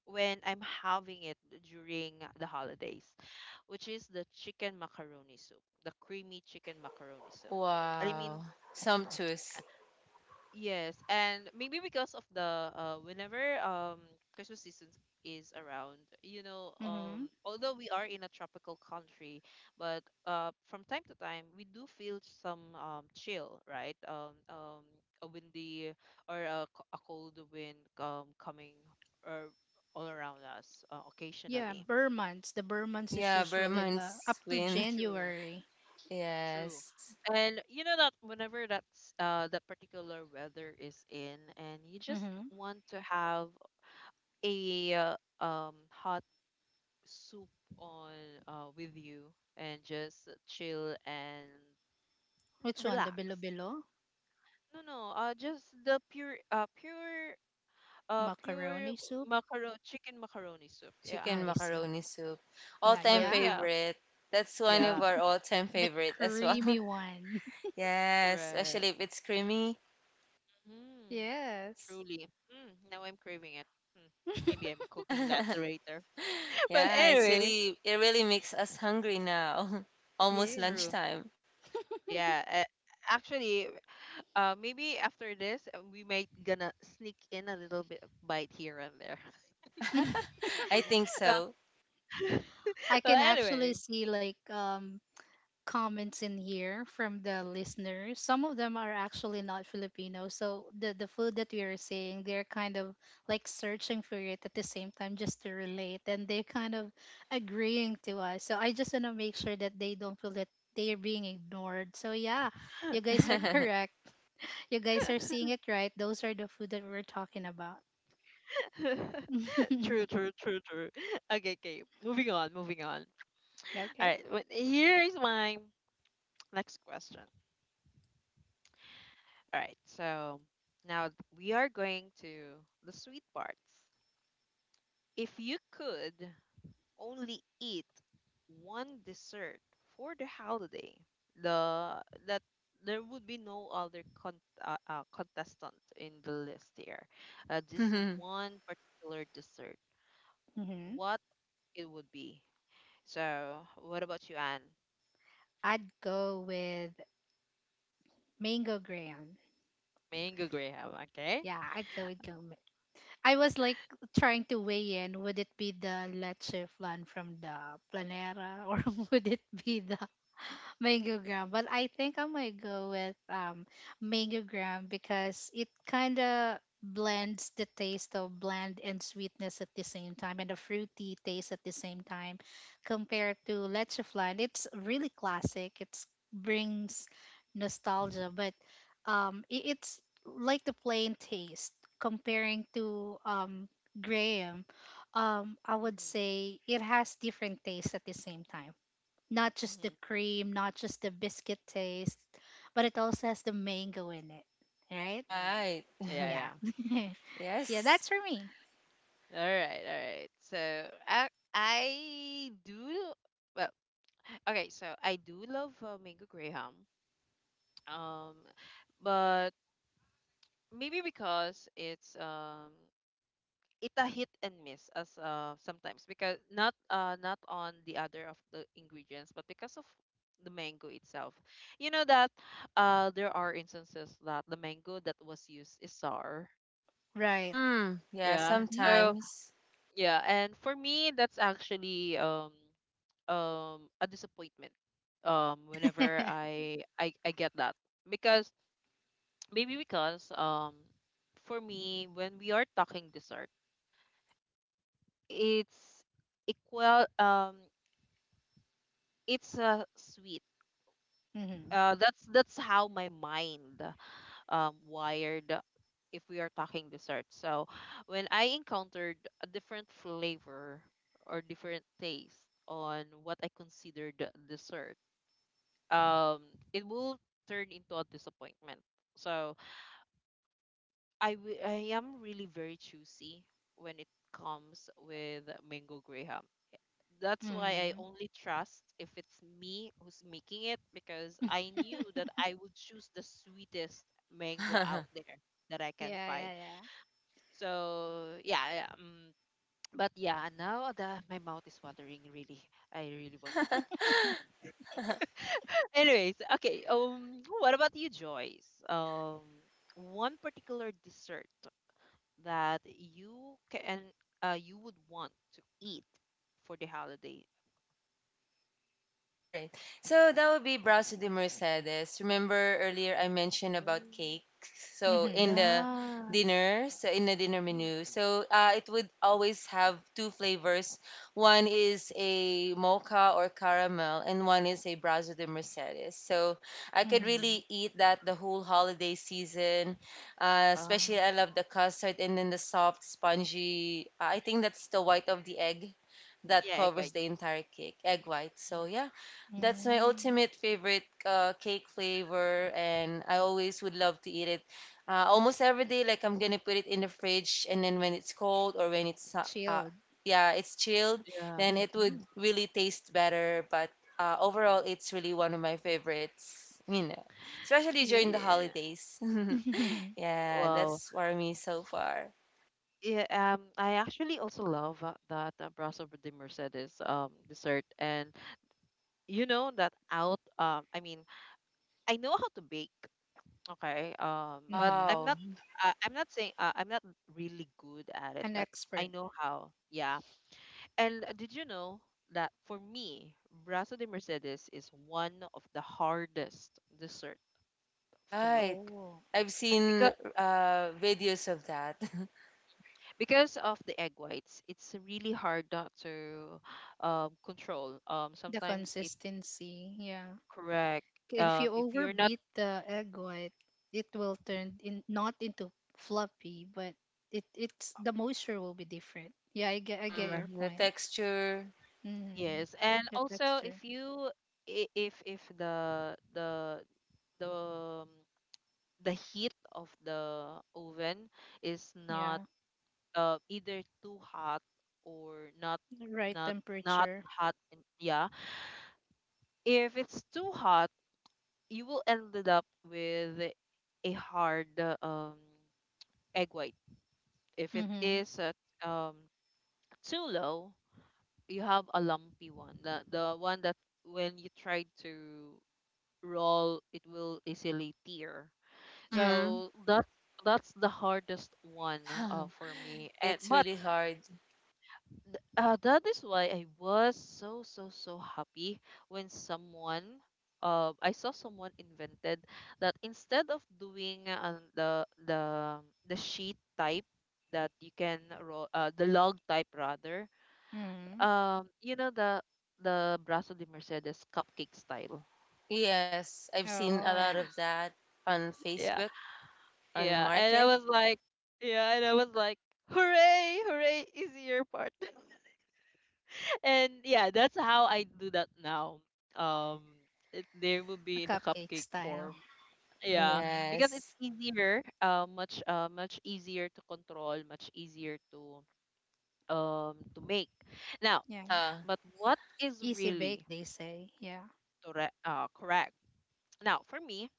Speaker 1: when I'm having it during the holidays, which is the chicken macaroni soup, the creamy chicken macaroni soup. I mean,
Speaker 3: Wow. Sumptuous.
Speaker 1: yes, and maybe because of the uh, whenever um Christmas season is around, you know, um,
Speaker 2: Mm-hmm.
Speaker 1: although we are in a tropical country, but uh, from time to time we do feel some um chill, right? Um, um, a windy or a, c- a cold wind um coming or all around us, uh,
Speaker 2: Yeah,
Speaker 1: occasionally.
Speaker 2: burr months, the burr months is
Speaker 3: Yeah,
Speaker 2: usually the up
Speaker 3: Burman's
Speaker 2: to
Speaker 3: wind.
Speaker 1: True.
Speaker 2: January.
Speaker 1: True.
Speaker 3: Yes.
Speaker 1: And you know that whenever that's uh that particular weather is in, and you just
Speaker 2: Mm-hmm.
Speaker 1: want to have a uh, um hot soup on uh with you and just chill and
Speaker 2: Which one, the
Speaker 1: relax.
Speaker 2: bilo-bilo?
Speaker 1: No, no, uh just the pure uh pure uh pure
Speaker 2: Macaroni soup.
Speaker 1: macaroni, chicken macaroni soup. Yeah.
Speaker 2: Oh,
Speaker 3: Chicken
Speaker 2: I see.
Speaker 3: macaroni soup.
Speaker 2: Now
Speaker 3: All-time
Speaker 1: So
Speaker 2: yeah,
Speaker 1: yeah.
Speaker 3: favorite. That's one of
Speaker 1: Yeah,
Speaker 3: our all-time
Speaker 2: the
Speaker 3: favorite as well.
Speaker 2: creamy one.
Speaker 3: Yes, especially
Speaker 1: correct.
Speaker 3: if it's creamy.
Speaker 1: Mm,
Speaker 2: Yes.
Speaker 1: truly. Mm, now I'm craving it. Hmm. Maybe I'm cooking that later. But
Speaker 3: Yeah, it's
Speaker 1: anyway,
Speaker 3: really, it really makes us hungry now. Almost
Speaker 2: Yeah.
Speaker 1: true.
Speaker 3: lunchtime.
Speaker 1: Yeah. Uh. Actually, uh, maybe after this, uh, we might gonna sneak in a little bit of bite here and there.
Speaker 3: I think so.
Speaker 1: Well,
Speaker 2: I
Speaker 1: well,
Speaker 2: can actually
Speaker 1: anyway.
Speaker 2: see like um comments in here from the listeners. Some of them are actually not Filipino. So the the food that we are saying, they're kind of like searching for it at the same time just to relate and they kind of agreeing to us. So I just wanna make sure that they don't feel that they are being ignored. So yeah, you guys are correct. You guys are seeing it right. Those are the food that we're talking about.
Speaker 1: True, true, true, true. Okay, okay. Moving on, moving on. All
Speaker 2: Okay.
Speaker 1: right. wh- Here is my next question. All right. So now we are going to the sweet parts. If you could only eat one dessert for the holiday, the that there would be no other con- uh, uh, contestant in the list here. Uh, this one particular dessert,
Speaker 2: Hmm.
Speaker 1: what it would be. So, what about you, Anne?
Speaker 2: I'd go with mango graham.
Speaker 1: Mango Graham, okay?
Speaker 2: Yeah, I'd go with gourmet. I was like trying to weigh in. Would it be the leche flan from the planera or would it be the mango gram. But I think I might go with um mango gram because it kind of blends the taste of bland and sweetness at the same time and the fruity taste at the same time compared to leche flan. It's really classic. It brings nostalgia, but um i- it's like the plain taste comparing to um Graham, um, I would
Speaker 1: Mm-hmm.
Speaker 2: say it has different tastes at the same time. Not just the
Speaker 1: Mm-hmm.
Speaker 2: cream, not just the biscuit taste, but it also has the mango in it, right?
Speaker 1: Mm-hmm.
Speaker 3: Right.
Speaker 1: Yeah,
Speaker 2: Yeah.
Speaker 1: yeah.
Speaker 2: Yeah,
Speaker 3: Yes.
Speaker 2: that's for me.
Speaker 1: All right, all right. So I I do, well. Okay, so I do love uh, mango graham. Um, but maybe because it's um it a hit and miss as uh sometimes, because not uh not on the other of the ingredients, but because of the mango itself. You know that uh there are instances that the mango that was used is sour.
Speaker 2: Right.
Speaker 3: Mm, yeah,
Speaker 1: Yeah.
Speaker 2: Mhm.
Speaker 1: So
Speaker 3: sometimes.
Speaker 1: yeah, and for me that's actually um um a disappointment um whenever i i, I get that. Because maybe because um for me, when we are talking dessert, it's equal, um it's a sweet.
Speaker 2: Mhm.
Speaker 1: Uh that's that's how my mind um wired if we are talking dessert. So when I encountered a different flavor or different taste on what I considered dessert, um it will turn into a disappointment. So I wi- I am really very choosy when it comes with mango graham. That's why I
Speaker 2: Mhm.
Speaker 1: only trust if it's me who's making it, because I knew that I would choose the sweetest mango out there that I can
Speaker 2: Yeah,
Speaker 1: find.
Speaker 3: The
Speaker 2: yeah,
Speaker 3: more, the more expensive
Speaker 1: So
Speaker 3: one in the
Speaker 1: yeah, yeah, um,
Speaker 3: market.
Speaker 1: but yeah, now the my mouth is watering really. I really want to eat. Anyways, okay. Um, what about you, Joyce? Um, one particular dessert that you can uh, you would want to eat for the holiday?
Speaker 3: All right. So that would be Brazo de Mercedes. Remember earlier I mentioned about
Speaker 1: Mm.
Speaker 3: cake.
Speaker 2: yeah.
Speaker 3: So in
Speaker 2: Mhm.
Speaker 3: the
Speaker 1: Yeah.
Speaker 3: dinner, so in the dinner
Speaker 1: Mm.
Speaker 3: menu, so uh, it would always have two flavors. One is a mocha or caramel, and one is a Brazo de Mercedes. So I could
Speaker 2: Mhm.
Speaker 3: really eat that the whole holiday season. Uh,
Speaker 1: Uh,
Speaker 3: especially I love the custard and then the soft, spongy, uh, I think that's the white of the egg that
Speaker 1: yeah, egg
Speaker 3: covers
Speaker 1: whites.
Speaker 3: the entire cake, egg white. So
Speaker 1: Mhm.
Speaker 3: yeah, that's my
Speaker 2: Mhm.
Speaker 3: ultimate favorite uh, cake flavor, and I always would love to eat it uh, almost every day. Like I'm gonna put it in the fridge, and then when it's cold or when it's uh, uh,
Speaker 2: Chilled.
Speaker 3: yeah, it's chilled,
Speaker 1: Yeah.
Speaker 3: then it would
Speaker 2: Mhm.
Speaker 3: really taste better. But uh, overall, it's really one of my favorites. You know, especially
Speaker 2: Yeah.
Speaker 3: during the
Speaker 1: Yeah.
Speaker 3: holidays. Yeah,
Speaker 1: Wow.
Speaker 3: that's for me so far.
Speaker 1: Yeah, um, I actually also love uh, that uh, Brasso de Mercedes um dessert, and you know that out. Um, I mean, I know how to bake, okay. Um, but
Speaker 2: Mhm. An
Speaker 1: I'm
Speaker 3: Wow,
Speaker 1: not. Uh, I'm not saying. Uh, I'm not really good at it, but I
Speaker 2: expert.
Speaker 1: know how. Yeah. And uh, did you know that for me, brazo de Mercedes is one of the hardest dessert to make,
Speaker 3: right.
Speaker 2: Oh,
Speaker 3: I've
Speaker 1: because
Speaker 3: seen uh, videos of that.
Speaker 1: because of the egg whites. It's really hard not to um, control. Um,
Speaker 2: the
Speaker 1: sometimes it
Speaker 2: consistency. Yeah.
Speaker 1: correct.
Speaker 2: If
Speaker 1: Um,
Speaker 2: you
Speaker 1: if you're not
Speaker 2: overbeat the egg white, it will turn in not into fluffy, but it it's the moisture will be different. Yeah, I get I get
Speaker 1: correct,
Speaker 2: your
Speaker 3: Hmm, the
Speaker 2: point.
Speaker 3: texture.
Speaker 2: Mm-hmm.
Speaker 1: yes. And
Speaker 2: The
Speaker 1: also, if
Speaker 2: texture.
Speaker 1: you i- if if the the the um, the heat of the oven is not
Speaker 2: Yeah.
Speaker 1: uh, either too hot or not
Speaker 2: The right
Speaker 1: not not
Speaker 2: temperature.
Speaker 1: hot. And yeah, if it's too hot you will ended up with a hard uh, um egg white. If it
Speaker 2: Mm-hmm.
Speaker 1: is at, um too low, you have a lumpy one, the, the one that when you try to roll it will easily tear.
Speaker 2: Yeah.
Speaker 3: Mm-hmm.
Speaker 1: So that's that's the hardest one uh, for me. And
Speaker 3: It's
Speaker 1: but
Speaker 3: really hard.
Speaker 1: Th- uh, that is why I was so so so happy when someone uh, I saw someone invented that instead of doing uh, the the the sheet type that you can roll, uh, the log type rather.
Speaker 2: Mm-hmm.
Speaker 1: um you know, the the Brazo de Mercedes cupcake style.
Speaker 3: Yes, I've seen a lot
Speaker 2: Oh,
Speaker 3: of that on
Speaker 1: yeah
Speaker 3: Facebook, on the
Speaker 1: yeah and I
Speaker 3: market.
Speaker 1: was like yeah and I was like, hooray hooray, easier part. And yeah, that's how I do that now. Um, it, there will
Speaker 2: a
Speaker 1: be in a
Speaker 2: cupcake
Speaker 1: cupcake
Speaker 2: style.
Speaker 1: form. Yeah,
Speaker 2: Mm.
Speaker 1: because
Speaker 3: Yes.
Speaker 1: it's easier, uh, much uh, much easier to control, much easier to um to make. Now,
Speaker 2: Yeah.
Speaker 3: Uh-huh.
Speaker 1: but what is
Speaker 2: Easy bake,
Speaker 1: really
Speaker 2: they say. Yeah.
Speaker 1: correct? Uh, correct. Now, for me,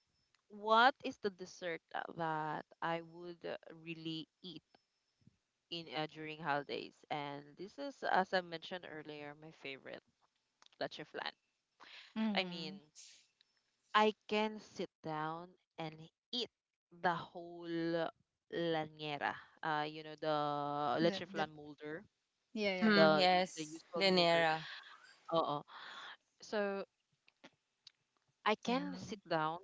Speaker 1: what is the dessert that I would uh, really eat in uh, during holidays? And this is, as I mentioned earlier, my favorite, leche flan. I mean,
Speaker 2: Mm-hmm.
Speaker 1: I can sit down and eat the whole lanyera. Uh, you know, the
Speaker 2: That
Speaker 1: leche
Speaker 2: that.
Speaker 1: flan molder,
Speaker 2: Yeah, yeah, yeah.
Speaker 3: Mm-hmm.
Speaker 1: the the
Speaker 3: Yes.
Speaker 1: usual molder.
Speaker 3: Linera.
Speaker 1: Uh, so I
Speaker 2: Yeah.
Speaker 1: can sit down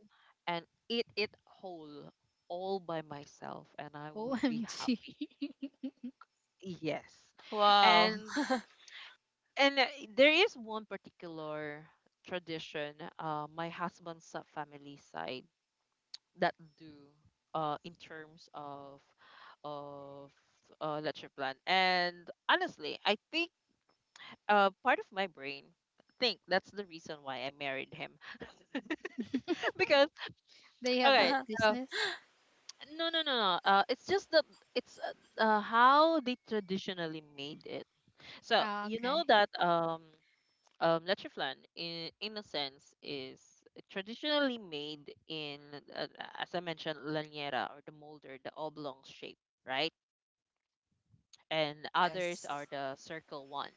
Speaker 1: and eat it whole all by myself, and I would be
Speaker 2: O M G.
Speaker 1: happy. Yes,
Speaker 3: Wow.
Speaker 1: and and uh, there is one particular tradition. Uh, my husband's uh, family side that do uh in terms of of uh lecture plan. And honestly, I think uh part of my brain think that's the reason why I married him because
Speaker 2: They have
Speaker 1: okay.
Speaker 2: that
Speaker 1: So
Speaker 2: business.
Speaker 1: no, no, no, no, uh it's just the it's uh, uh, how they traditionally made it. So
Speaker 2: Ah,
Speaker 1: you know
Speaker 2: okay.
Speaker 1: that um um lecture plan in in a sense is traditionally made in uh, as I mentioned, laniera or the molder, the oblong shape, right? And others
Speaker 3: Yes.
Speaker 1: are the circle one.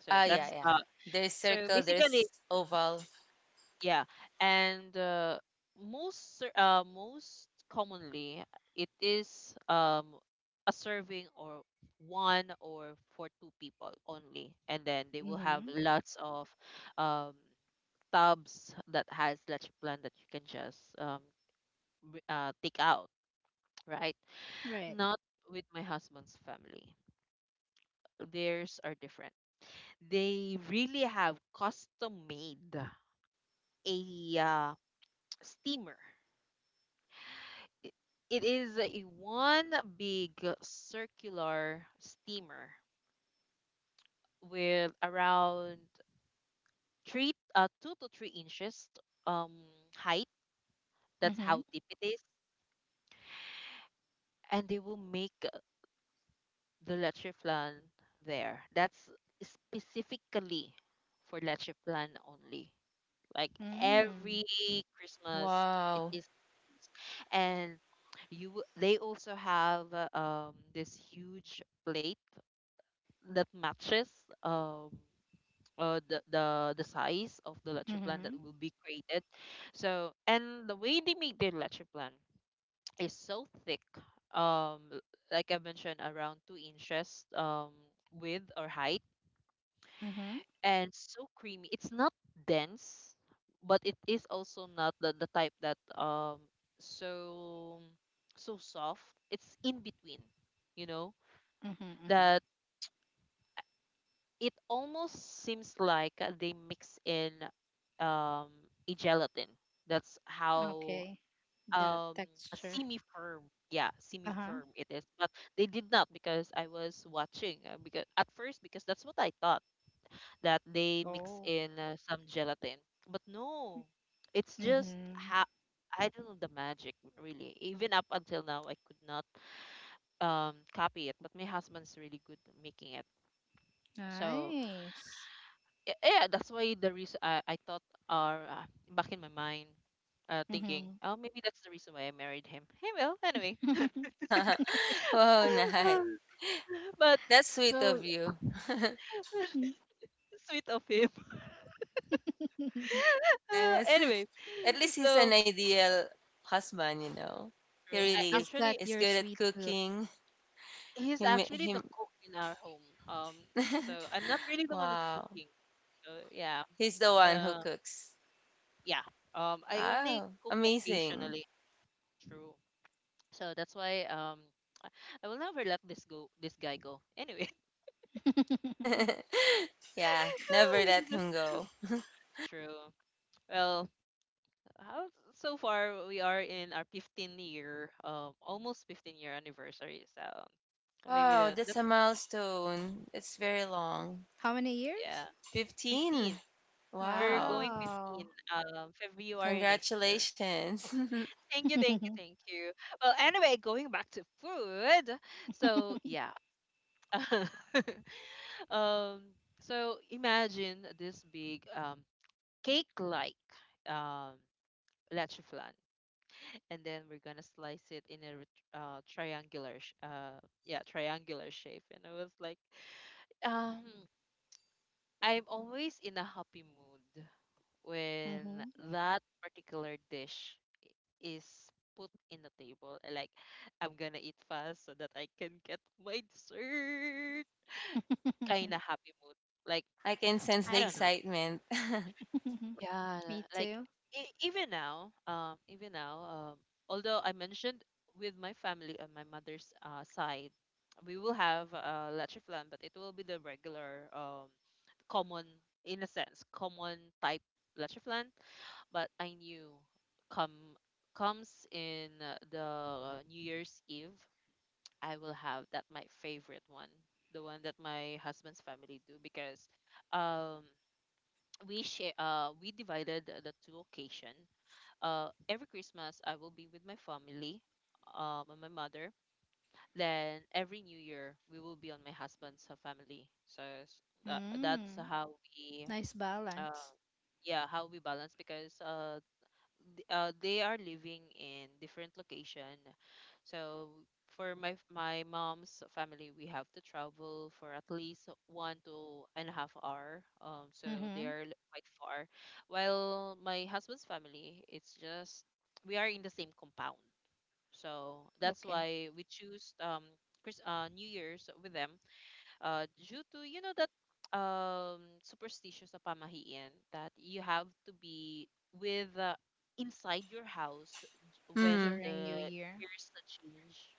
Speaker 1: So
Speaker 3: Ah,
Speaker 2: Yeah.
Speaker 3: yeah,
Speaker 1: that's
Speaker 3: yeah.
Speaker 1: uh,
Speaker 3: There's
Speaker 1: so
Speaker 3: circle,
Speaker 1: basically,
Speaker 3: there's oval.
Speaker 1: yeah. And uh, most cir- uh most commonly, it is um a serving or one or for two people only, and then they will have
Speaker 2: Mm-hmm.
Speaker 1: lots of um tubs that has leche plan that you can just um b- uh, take out, right?
Speaker 2: Right.
Speaker 1: Not with my husband's family. Theirs are different. They really have custom made a uh, steamer. It, it is a one big circular steamer with around three, uh, two to three inches um, height. That's
Speaker 2: Mm-hmm.
Speaker 1: how deep it is, and they will make the leche flan there. That's specifically for leche flan only. Like
Speaker 2: Mm.
Speaker 1: every Christmas, it
Speaker 3: Wow.
Speaker 1: is used, and you w- they also have uh, um this huge plate that matches um. Uh, the, the the size of the leche plan that
Speaker 2: Mm-hmm.
Speaker 1: will be created. So and the way they make their leche plan is so thick. Um, l- like I mentioned, around two inches um, width or height,
Speaker 2: Mm-hmm.
Speaker 1: and so creamy. It's not dense, but it is also not the, the type that um so so soft. It's in between, you know,
Speaker 2: Mm-hmm. Mm-hmm.
Speaker 1: that it almost seems like uh, they mix in um a gelatin. That's how
Speaker 2: Okay. The
Speaker 1: um a
Speaker 2: texture.
Speaker 1: semi firm, yeah semi
Speaker 2: Uh-huh.
Speaker 1: firm it is. But they did not, because I was watching uh, because at first, because that's what I thought, that they mix
Speaker 2: Oh.
Speaker 1: in uh, some gelatin, but no. It's just
Speaker 2: Mm-hmm.
Speaker 1: ha- I don't know the magic, really. Even up until now I could not um copy it, but my husband's really good at making it. So
Speaker 2: Nice.
Speaker 1: y- yeah, that's why the reason i, I thought, or uh, back in my mind, uh, thinking,
Speaker 2: Mm-hmm.
Speaker 1: oh, maybe that's the reason why I married him. Hey, well, anyway.
Speaker 3: Wow, nice.
Speaker 1: But
Speaker 3: That's sweet
Speaker 1: so.
Speaker 3: of you.
Speaker 1: Sweet of him. Uh,
Speaker 3: Yes.
Speaker 1: anyway,
Speaker 3: At least he's an
Speaker 1: so
Speaker 3: ideal husband, you know. He
Speaker 1: true.
Speaker 2: Yeah,
Speaker 1: I
Speaker 3: really
Speaker 2: he's got
Speaker 1: actually
Speaker 3: is
Speaker 2: your
Speaker 3: good at
Speaker 2: sweet tooth.
Speaker 3: cooking. He,
Speaker 1: he's
Speaker 3: ma-
Speaker 1: actually
Speaker 3: he
Speaker 1: the cook in our home. Um, so I'm not really the one who's
Speaker 3: Wow.
Speaker 1: cooking. So yeah,
Speaker 3: He's the one who
Speaker 1: uh,
Speaker 3: cooks.
Speaker 1: yeah. Um, I only
Speaker 3: Oh,
Speaker 1: cook
Speaker 3: amazing.
Speaker 1: occasionally. True. So that's why um, I I will never let this go. This guy go. Anyway,
Speaker 3: Yeah, never let him go.
Speaker 1: that's true. Well, how so far we are in our fifteen year um almost fifteen year anniversary. So maybe
Speaker 3: Wow,
Speaker 1: the
Speaker 3: that's a
Speaker 1: that's,
Speaker 3: milestone. It's very long.
Speaker 2: How many
Speaker 1: yeah,
Speaker 2: years?
Speaker 3: fifteen.
Speaker 1: fifteen. We're
Speaker 3: Wow.
Speaker 1: going
Speaker 2: Wow.
Speaker 1: fifteen um February next year.
Speaker 3: Congratulations.
Speaker 1: Thank you, thank you,
Speaker 2: Mm-hmm.
Speaker 1: thank you. Well, anyway, going back to food. So yeah. um so imagine this big um cake like um leche flan, and then we're gonna slice it in a ret- uh, triangular, sh- uh, yeah, triangular shape. And I was like, um, I'm always in a happy mood when
Speaker 2: Mm-hmm.
Speaker 1: that particular dish is put in the table. I like, I'm gonna eat fast so that I can get my dessert. Kinda happy mood. Like,
Speaker 3: I can sense the
Speaker 1: I don't know.
Speaker 3: excitement.
Speaker 1: Yeah,
Speaker 2: Me
Speaker 1: like
Speaker 2: too.
Speaker 1: e even now, um, even now, um, although I mentioned, with my family on my mother's uh, side, we will have uh, leche flan, but it will be the regular, um, common, in a sense, common type leche flan. But I knew come comes in uh, the New Year's Eve, I will have that my favorite one, the one that my husband's family do. Because, um we share uh we divided the two occasion. Uh, every Christmas I will be with my family, um and my mother, then every New Year we will be on my husband's uh, family. So s- that, that's
Speaker 2: Mm.
Speaker 1: how we
Speaker 2: Nice balance.
Speaker 1: uh, yeah, how we balance. Because uh th- uh, they are living in different location. So for my f- my mom's family, we have to travel for at least one to and a half hour. Um, so they
Speaker 2: Mm-hmm.
Speaker 1: are li- quite far. While my husband's family, it's just we are in the same compound. So that's
Speaker 2: Okay.
Speaker 1: why we choose um Chris, uh, New Year's with them, uh, due to, you know that, um, superstitious na pamahiin that you have to be with uh, inside your house j-
Speaker 3: Hmm.
Speaker 1: when
Speaker 2: During New
Speaker 1: the
Speaker 2: Year.
Speaker 1: years na change.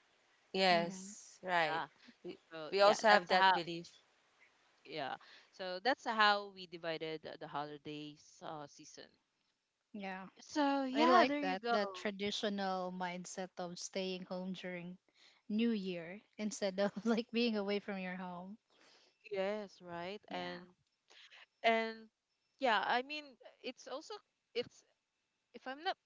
Speaker 2: Mm-hmm.
Speaker 3: Yes, right.
Speaker 1: Yeah.
Speaker 3: We,
Speaker 1: So
Speaker 3: we
Speaker 1: yeah,
Speaker 3: also have
Speaker 1: that's
Speaker 3: that
Speaker 1: how.
Speaker 3: belief.
Speaker 1: Yeah. So that's how we divided the holidays uh, season.
Speaker 2: Yeah.
Speaker 1: So
Speaker 2: I
Speaker 1: yeah,
Speaker 2: like
Speaker 1: there you
Speaker 2: that
Speaker 1: go.
Speaker 2: that traditional mindset of staying home during New Year instead of like being away from your home.
Speaker 1: Yes, right.
Speaker 2: Yeah.
Speaker 1: And and yeah, I mean, it's also it's, if I'm not,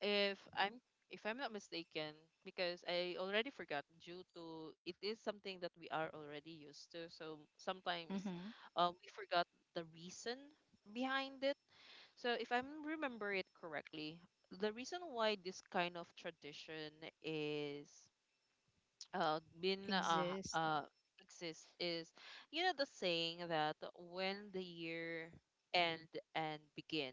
Speaker 1: if I'm, if I'm not mistaken, because I already forgot due to it is something that we are already used to. So sometimes
Speaker 2: Mm-hmm.
Speaker 1: uh, we forgot the reason behind it. So if I remember it correctly, the reason why this kind of tradition is uh, been uh,
Speaker 2: Exist
Speaker 1: uh, exist is, you know, the saying that when the year end and begin,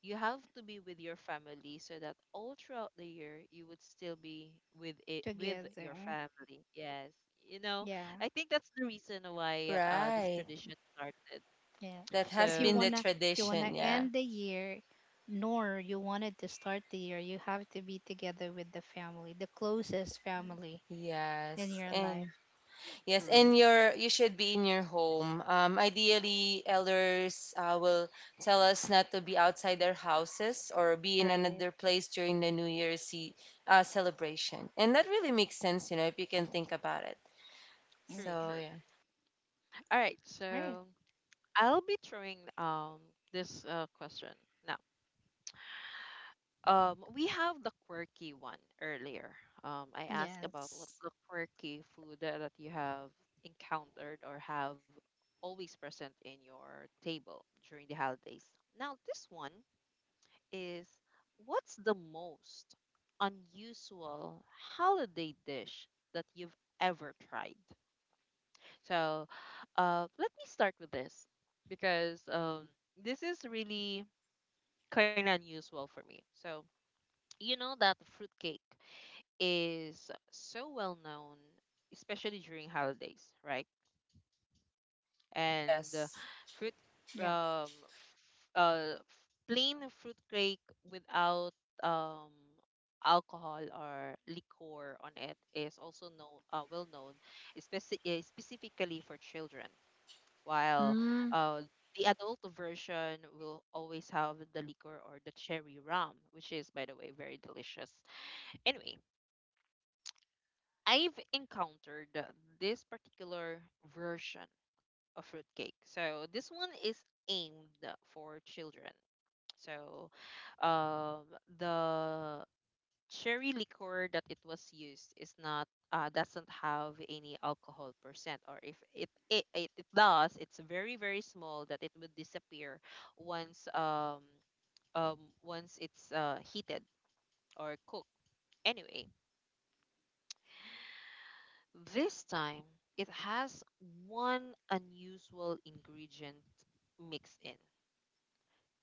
Speaker 1: you have to be with your family, so that all throughout the year you would still be with it, with
Speaker 2: together.
Speaker 1: your family. Yes, you know,
Speaker 2: Yeah.
Speaker 1: I think that's the reason why uh, this
Speaker 3: Right.
Speaker 1: tradition started.
Speaker 2: Yeah.
Speaker 3: That
Speaker 2: If
Speaker 3: has
Speaker 2: you
Speaker 1: So
Speaker 3: been the
Speaker 2: wanna if you wanna
Speaker 3: tradition, yeah.
Speaker 2: end the year nor you wanted to start the year, you have to be together with the family, the closest family
Speaker 3: Yes.
Speaker 2: in your life.
Speaker 3: And yes,
Speaker 2: Yeah.
Speaker 3: and
Speaker 1: true,
Speaker 3: your you should be in your home. Um, ideally, elders uh, will tell us not to be outside their houses or be in
Speaker 2: Right.
Speaker 3: another place during the New Year's E- uh, celebration. And that really makes sense, you know, if you can think about it.
Speaker 1: true,
Speaker 3: So
Speaker 2: Hmm.
Speaker 1: true.
Speaker 3: yeah,
Speaker 1: All right,
Speaker 2: Right.
Speaker 1: so I'll be throwing um this uh, question now. Um, we have the quirky one earlier. Um, I asked about what
Speaker 2: Yes.
Speaker 1: the quirky food that that you have encountered or have always present in your table during the holidays. Now, this one is, what's the most unusual holiday dish that you've ever tried? So, uh, let me start with this because um, this is really kind of unusual for me. So, you know that fruitcake is so well known, especially during holidays, right? And uh,
Speaker 3: yes.
Speaker 1: fruit,
Speaker 2: Yeah.
Speaker 1: um, f- uh, f- plain fruit cake without um alcohol or liquor on it is also know, uh, well known, especially uh, specifically for children. While
Speaker 3: Mm.
Speaker 1: uh, the adult version will always have the liquor or the cherry rum, which is, by the way, very delicious. Anyway, I've encountered this particular version of fruitcake. So this one is aimed for children. So um, the cherry liquor that it was used is not uh, doesn't have any alcohol percent, or if it, it it it does, it's very very small that it would disappear once um um once it's uh, heated or cooked anyway. This time, it has one unusual ingredient mixed in: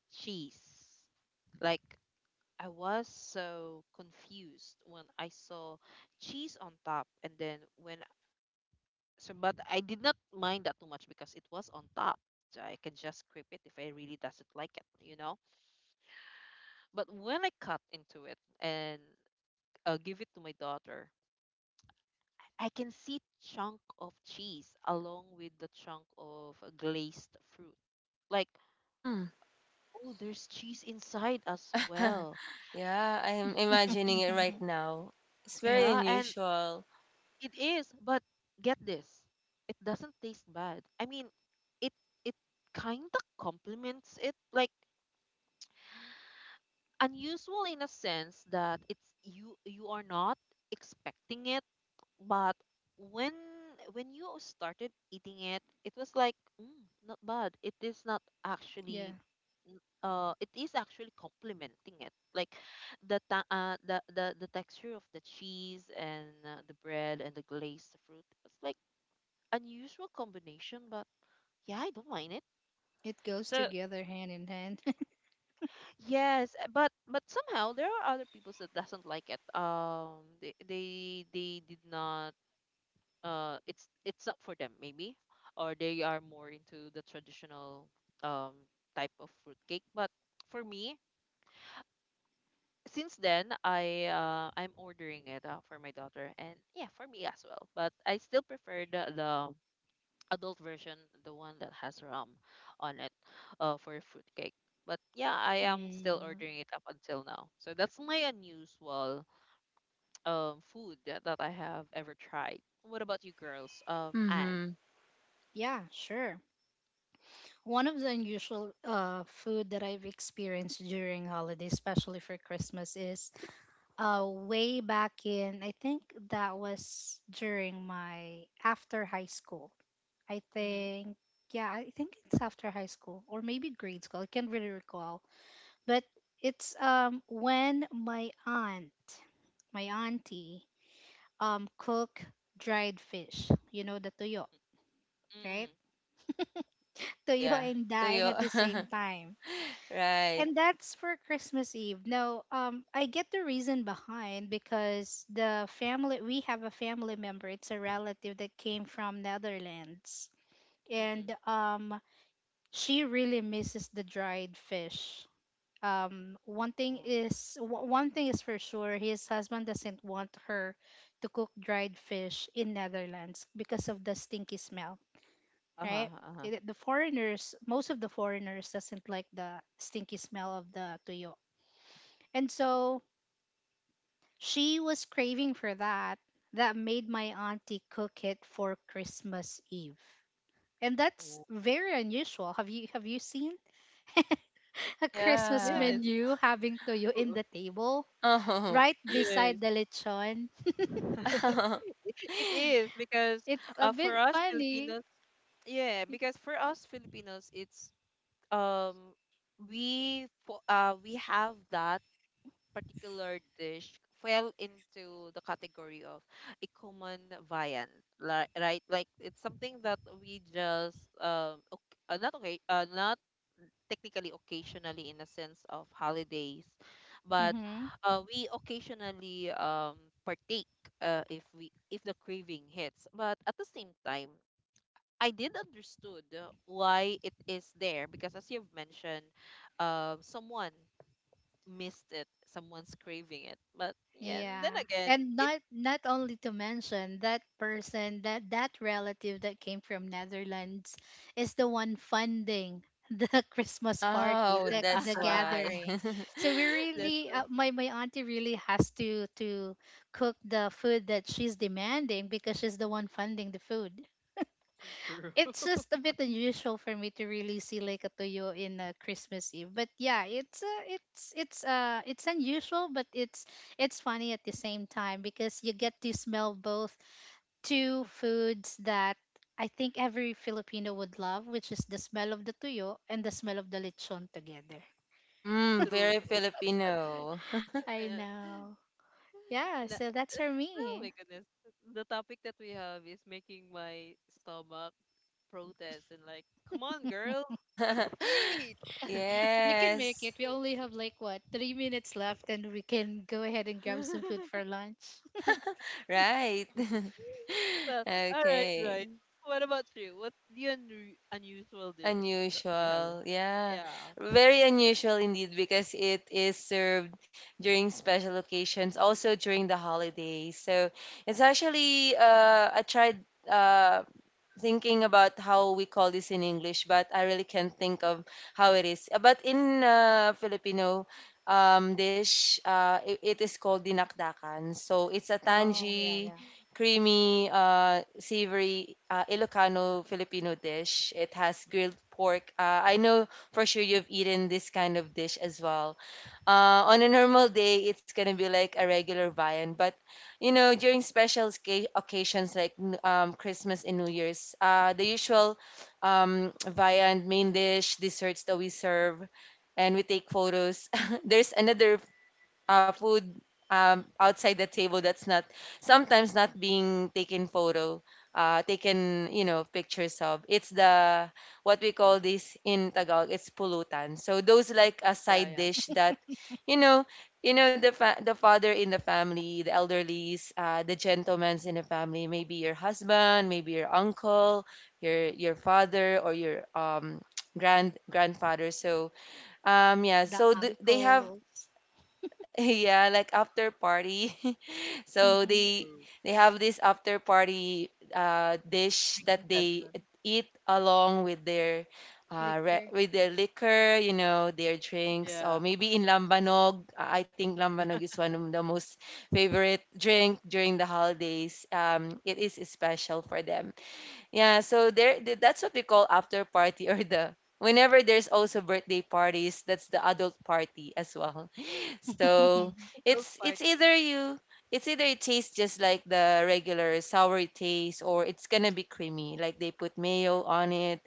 Speaker 1: cheese. Like, I was so confused when I saw cheese on top, and then when so, but I did not mind that too much because it was on top. So I can just scrape it if I really doesn't like it, you know. But when I cut into it and uh, give it to my daughter, I can see chunk of cheese along with the chunk of glazed fruit. Like,
Speaker 3: Mm.
Speaker 1: oh, there's cheese inside as well.
Speaker 3: Yeah, I'm imagining it right now. It's very
Speaker 1: Yeah, and
Speaker 3: unusual.
Speaker 1: it is, but get this. It doesn't taste bad. I mean, it it kind of complements it, like unusual in a sense that it's you you are not expecting it, but when when you started eating it, it was like mm, not bad, it is not
Speaker 2: Yeah.
Speaker 1: actually n- uh it is actually complementing it, like the ta- uh, the, the the texture of the cheese and uh, the bread and the glazed fruit, it's like unusual combination, but yeah, I don't mind it.
Speaker 2: It goes together hand in hand.
Speaker 1: Yes, uh, but but somehow there are other people that doesn't like it um they they they did not uh it's it's up for them, maybe, or they are more into the traditional um type of fruitcake. But for me, since then, i uh, I'm ordering it uh, for my daughter, and yeah, for me as well. But I still prefer the, the adult version, the one that has rum on it, uh, for fruitcake. But yeah, I am still
Speaker 2: Mm,
Speaker 1: ordering it up until now, so that's my unusual um food that I have ever tried. What about you girls, um and
Speaker 3: Mm-hmm.
Speaker 2: yeah, sure. One of the unusual uh, food that I've experienced during holidays, especially for Christmas, is uh, way back in, I think that was during my after high school. I think, yeah, I think it's after high school or maybe grade school. I can't really recall. But it's um, when my aunt, my auntie, um, cook dried fish, you know, the tuyo,
Speaker 1: Mm-hmm.
Speaker 2: right? To
Speaker 3: Oh
Speaker 2: you
Speaker 3: yeah,
Speaker 2: and
Speaker 3: to
Speaker 2: dying at the same
Speaker 3: you.
Speaker 2: time.
Speaker 3: Right.
Speaker 2: And that's for Christmas Eve. Now, um, I get the reason behind because the family we have a family member. It's a relative that came from Netherlands,
Speaker 1: Mm.
Speaker 2: and um, she really misses the dried fish. Um, one thing
Speaker 1: Oh.
Speaker 2: is w- one thing is for sure. His husband doesn't want her to cook dried fish in Netherlands because of the stinky smell,
Speaker 1: Uh-huh,
Speaker 2: right?
Speaker 1: uh-huh.
Speaker 2: It- The foreigners, most of the foreigners doesn't like the stinky smell of the tuyo. And so she was craving for that. That made my auntie cook it for Christmas Eve. And that's
Speaker 1: Oh.
Speaker 2: very unusual. Have you have you seen a Christmas
Speaker 1: Yes.
Speaker 3: Yeah.
Speaker 2: menu having tuyo in
Speaker 1: Oo.
Speaker 2: the table
Speaker 3: Oh.
Speaker 2: right
Speaker 1: Yes.
Speaker 2: beside the lechon?
Speaker 1: It it is because
Speaker 2: It's a
Speaker 1: uh, for
Speaker 2: bit
Speaker 1: us
Speaker 2: funny.
Speaker 1: Filipinos, yeah, because for us Filipinos, it's um we fo- uh we have that particular dish fell into the category of a common viand, like, right? Like it's something that we just um okay, uh, not okay, uh, not technically occasionally in a sense of holidays, but
Speaker 2: Mhm.
Speaker 1: uh, we occasionally um partake, uh, if we if the craving hits. But at the same time, I did understood uh, why it is there, because as you've mentioned, um someone missed it, someone's craving it. But yeah, and then
Speaker 2: Yeah.
Speaker 1: again,
Speaker 2: And
Speaker 1: it's
Speaker 2: not not only to mention that person that that relative that came from Netherlands is the one funding the Christmas party,
Speaker 3: Oh,
Speaker 2: the the
Speaker 3: that's why.
Speaker 2: gathering. So we
Speaker 1: that's
Speaker 2: really uh, my my auntie really has to to cook the food that she's demanding because she's the one funding the food.
Speaker 1: true,
Speaker 2: It's just a bit unusual for me to really see like a tuyo in a Christmas Eve. But yeah, it's uh, it's it's uh it's unusual, but it's it's funny at the same time because you get to smell both two foods that I think every Filipino would love, which is the smell of the tuyo and the smell of the lechon together.
Speaker 3: Mm,
Speaker 1: true,
Speaker 3: very
Speaker 1: true, true.
Speaker 3: Filipino.
Speaker 2: I know. Yeah, so that's for
Speaker 1: Oh
Speaker 2: me.
Speaker 1: my goodness. The topic that we have is making my stomach protest and like, come on, girl, let's eat.
Speaker 2: You can make
Speaker 3: Yes,
Speaker 2: it. We only have like what three minutes left, and we can go ahead and grab some food for lunch.
Speaker 3: right.
Speaker 1: Well, all right,
Speaker 3: Okay,
Speaker 1: right. What about you? What's the unu unusual dish that you have?
Speaker 3: unusual. Yeah,
Speaker 1: Yeah.
Speaker 3: very unusual indeed because it is served during special occasions, also during the holidays. So it's actually uh, a tried uh, thinking about how we call this in English, but I really can't think of how it is. Uh, But in uh, Filipino um, dish, uh, it, it is called dinakdakan. So it's a
Speaker 2: Oh, yeah,
Speaker 3: tangy,
Speaker 2: yeah.
Speaker 1: Mm.
Speaker 3: creamy, uh, savory uh, Ilocano Filipino dish. It has
Speaker 1: Mhm.
Speaker 3: grilled pork. Uh, I know for sure you've eaten this kind of dish as well uh, on a normal day, it's gonna be like a regular viand, but you know, during special sca- occasions like n- um, Christmas and New Year's, uh, the usual um, viand, main dish, desserts that we serve, and we take photos. There's another uh, food, um, outside the table that's not sometimes not being taken photo uh, taken, you know, pictures of. It's the what we call this in Tagalog, it's pulutan. So those like a
Speaker 1: Yeah,
Speaker 3: side
Speaker 1: yeah.
Speaker 3: dish that you know you know the fa- the father in the family, the elderlies, uh, the gentlemen's in the family, maybe your husband, maybe your uncle, your your father, or your um grand grandfather. So um, yeah,
Speaker 2: The
Speaker 3: so th- they have
Speaker 2: uncles.
Speaker 3: yeah, like after party. So
Speaker 2: Hmm.
Speaker 3: they
Speaker 1: True.
Speaker 3: they have this after party uh, dish
Speaker 1: Drinking
Speaker 3: that they
Speaker 1: session.
Speaker 3: eat along with their uh, re-
Speaker 2: Liquor.
Speaker 3: with their liquor, you know, their drinks.
Speaker 1: Yeah.
Speaker 3: Or maybe in Lambanog, uh, I think Lambanog is one of the most favorite drink during the holidays. Um, it is special for them. Yeah, so there th- that's what we call after party or the whenever there's also birthday parties, that's the adult party as well. So
Speaker 1: Adult
Speaker 3: it's it's
Speaker 1: party.
Speaker 3: either you it's either it tastes just like the regular sour taste, or it's gonna be creamy. Like they put mayo on it,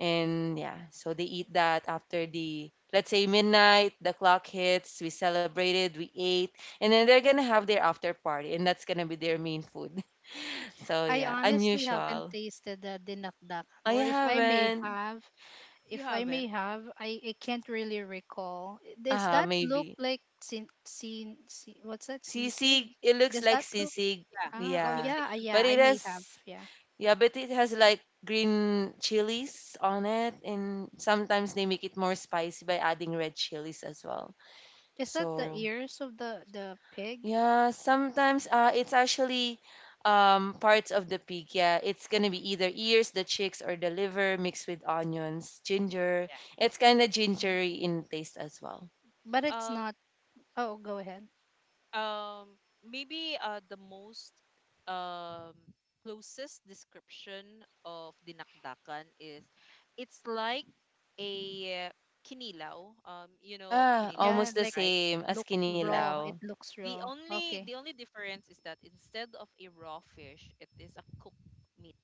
Speaker 3: and
Speaker 1: Mm.
Speaker 3: yeah, so they eat that after the, let's say, midnight, the clock hits, we celebrated, we ate, and then they're gonna have their after party, and that's gonna be their main food. So
Speaker 2: I
Speaker 3: yeah,
Speaker 1: You
Speaker 2: honestly haven't
Speaker 3: unusual.
Speaker 2: tasted the dinakdakan,
Speaker 3: I
Speaker 2: or if I may
Speaker 3: haven't.
Speaker 2: have,
Speaker 1: you
Speaker 2: if I may
Speaker 1: haven't?
Speaker 2: have, I, I can't really recall. Does
Speaker 3: Uh,
Speaker 2: that look
Speaker 3: maybe.
Speaker 2: like sin, sin, si- what's that? Sisig?
Speaker 3: Sisig, it looks
Speaker 2: Does
Speaker 3: like
Speaker 2: that look?
Speaker 1: Picnic.
Speaker 3: sisig.
Speaker 1: Yeah.
Speaker 2: Ah,
Speaker 1: It
Speaker 2: oh
Speaker 1: looks
Speaker 3: Yeah.
Speaker 1: like
Speaker 2: yeah, ah, yeah.
Speaker 3: But
Speaker 1: picnic.
Speaker 2: I
Speaker 3: it
Speaker 2: may have.
Speaker 3: has
Speaker 2: Yeah.
Speaker 3: yeah, but it has like green chilies on it, and sometimes they make it more spicy by adding red chilies as well.
Speaker 2: Is that the
Speaker 1: True.
Speaker 3: So
Speaker 2: ears of the the pig?
Speaker 3: yeah, sometimes uh, it's actually um, parts of the pig. Yeah, it's gonna be either ears, the cheeks, or the liver mixed with onions, ginger.
Speaker 1: Yeah.
Speaker 3: It's kind of gingery
Speaker 2: Oh.
Speaker 3: in taste as well.
Speaker 2: But it's
Speaker 1: Um.
Speaker 2: not. Oh, go ahead.
Speaker 1: Um, maybe uh, the most um, closest description of dinakdakan is it's like a kinilaw. Um, you know,
Speaker 3: Yeah,
Speaker 1: kinilaw,
Speaker 2: Yeah,
Speaker 3: almost the
Speaker 2: like
Speaker 1: right?
Speaker 3: same as
Speaker 2: look
Speaker 1: Yes.
Speaker 2: raw.
Speaker 3: kinilaw.
Speaker 2: It looks
Speaker 1: The
Speaker 2: raw.
Speaker 1: only
Speaker 2: Okay.
Speaker 1: the only difference is that instead of a raw fish, it is a cooked meat.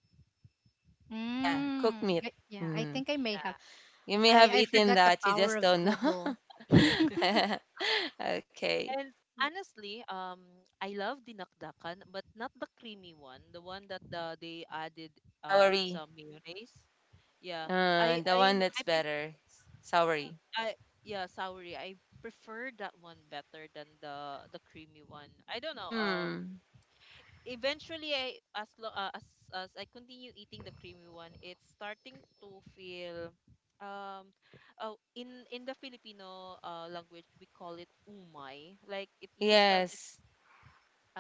Speaker 3: Yeah, cooked
Speaker 2: Mm,
Speaker 3: meat.
Speaker 2: I- yeah, I
Speaker 3: Mhm.
Speaker 2: think I may have.
Speaker 1: Yeah.
Speaker 3: You may
Speaker 2: I
Speaker 3: have
Speaker 2: I
Speaker 3: eaten
Speaker 2: forgot the
Speaker 3: that, you
Speaker 2: power
Speaker 3: just
Speaker 2: of
Speaker 3: don't know.
Speaker 2: Google.
Speaker 3: Okay.
Speaker 1: And honestly, um, I love dinakdakan, but not the creamy one, the one that the, they added um
Speaker 3: Soury.
Speaker 1: some mayonnaise. Yeah,
Speaker 3: Uh,
Speaker 1: I
Speaker 3: the
Speaker 1: I
Speaker 3: one that's better. Soury.
Speaker 1: yeah. I, yeah, soury. I prefer that one better than the the creamy one. I don't know. Um,
Speaker 3: Mm.
Speaker 1: eventually, I as lo- uh, as as I continue eating the creamy one, it's starting to feel. Um, oh, in in the Filipino uh language, we call it umay. Like it, you started.
Speaker 3: Yes.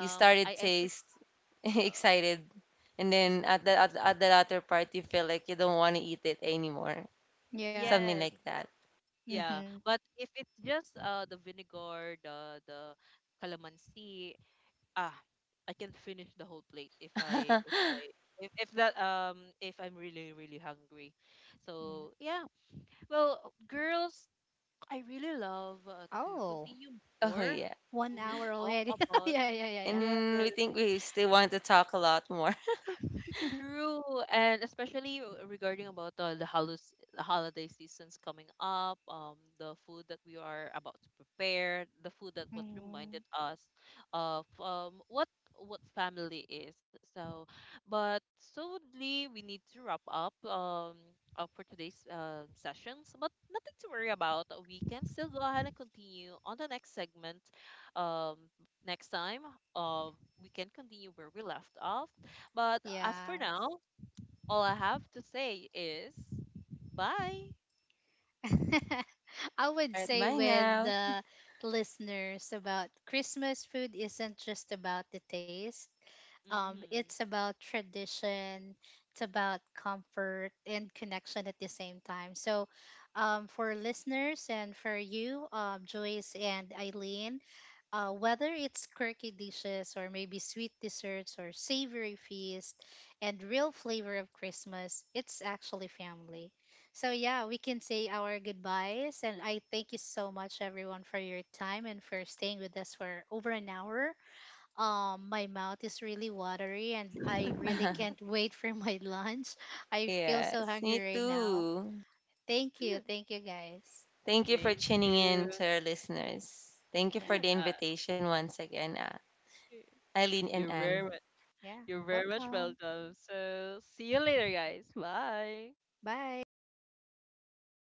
Speaker 3: You
Speaker 1: I
Speaker 3: started
Speaker 1: I for,
Speaker 3: taste
Speaker 1: uh,
Speaker 3: excited. And then at the at, at the latter part you feel like you don't want to eat it anymore.
Speaker 2: Yeah.
Speaker 3: Something
Speaker 1: yes,
Speaker 3: like
Speaker 1: yeah.
Speaker 2: Mm-hmm.
Speaker 1: But if it's just uh the vinegar, the the calamansi, ah, I can finish the whole plate if I
Speaker 3: that.
Speaker 1: if I if, if that um if I'm really really hungry.
Speaker 2: Yeah.
Speaker 1: So yeah. Well, girls, I really love uh, to
Speaker 2: Oh,
Speaker 1: continue
Speaker 3: Oh
Speaker 1: more
Speaker 3: yeah.
Speaker 2: one
Speaker 1: to
Speaker 2: hour
Speaker 1: talk
Speaker 2: already.
Speaker 1: about
Speaker 2: Yeah, yeah, yeah,
Speaker 1: yes.
Speaker 3: And we think we still want to talk a lot more.
Speaker 2: yeah.
Speaker 1: True, and especially r- regarding about uh, the halus- the holiday seasons coming up, um, the food that we are about to prepare, the food that what reminded
Speaker 2: Mm,
Speaker 1: us of um what what family is. So, but solely we need to wrap up um uh, for today's um sessions, but nothing to worry about. We can still go ahead and continue on the next segment, um next time. Uh, we can continue where we left off, but as for
Speaker 2: yes.
Speaker 1: now, all I have to say is bye.
Speaker 2: I would
Speaker 3: Alright,
Speaker 2: say
Speaker 3: bye
Speaker 2: with
Speaker 3: now.
Speaker 2: the listeners about Christmas food isn't just about the taste. Um,
Speaker 1: Hmm.
Speaker 2: it's about tradition, it's about comfort and connection at the same time. So, um, for listeners and for you, um, Joyce and Eileen, uh, whether it's quirky dishes or maybe sweet desserts or savory feast and real flavor of Christmas, it's actually family. So, yeah, we can say our goodbyes. And I thank you so much, everyone, for your time and for staying with us for over an hour. Um, my mouth is really watery and I really can't wait for my lunch. I feel so
Speaker 3: Yes,
Speaker 2: hungry
Speaker 3: me
Speaker 2: right now.
Speaker 3: too.
Speaker 2: Thank you. Thank you guys.
Speaker 3: Thank you for
Speaker 1: Thank
Speaker 3: tuning
Speaker 1: you.
Speaker 3: in to our listeners. Thank you
Speaker 2: Yeah.
Speaker 3: for the
Speaker 1: Uh,
Speaker 3: invitation once again, ah, Eileen and
Speaker 1: you're very
Speaker 3: Anne.
Speaker 1: much,
Speaker 2: Yeah.
Speaker 1: you're very much
Speaker 2: Welcome.
Speaker 1: welcome. So see you later, guys. Bye.
Speaker 2: Bye.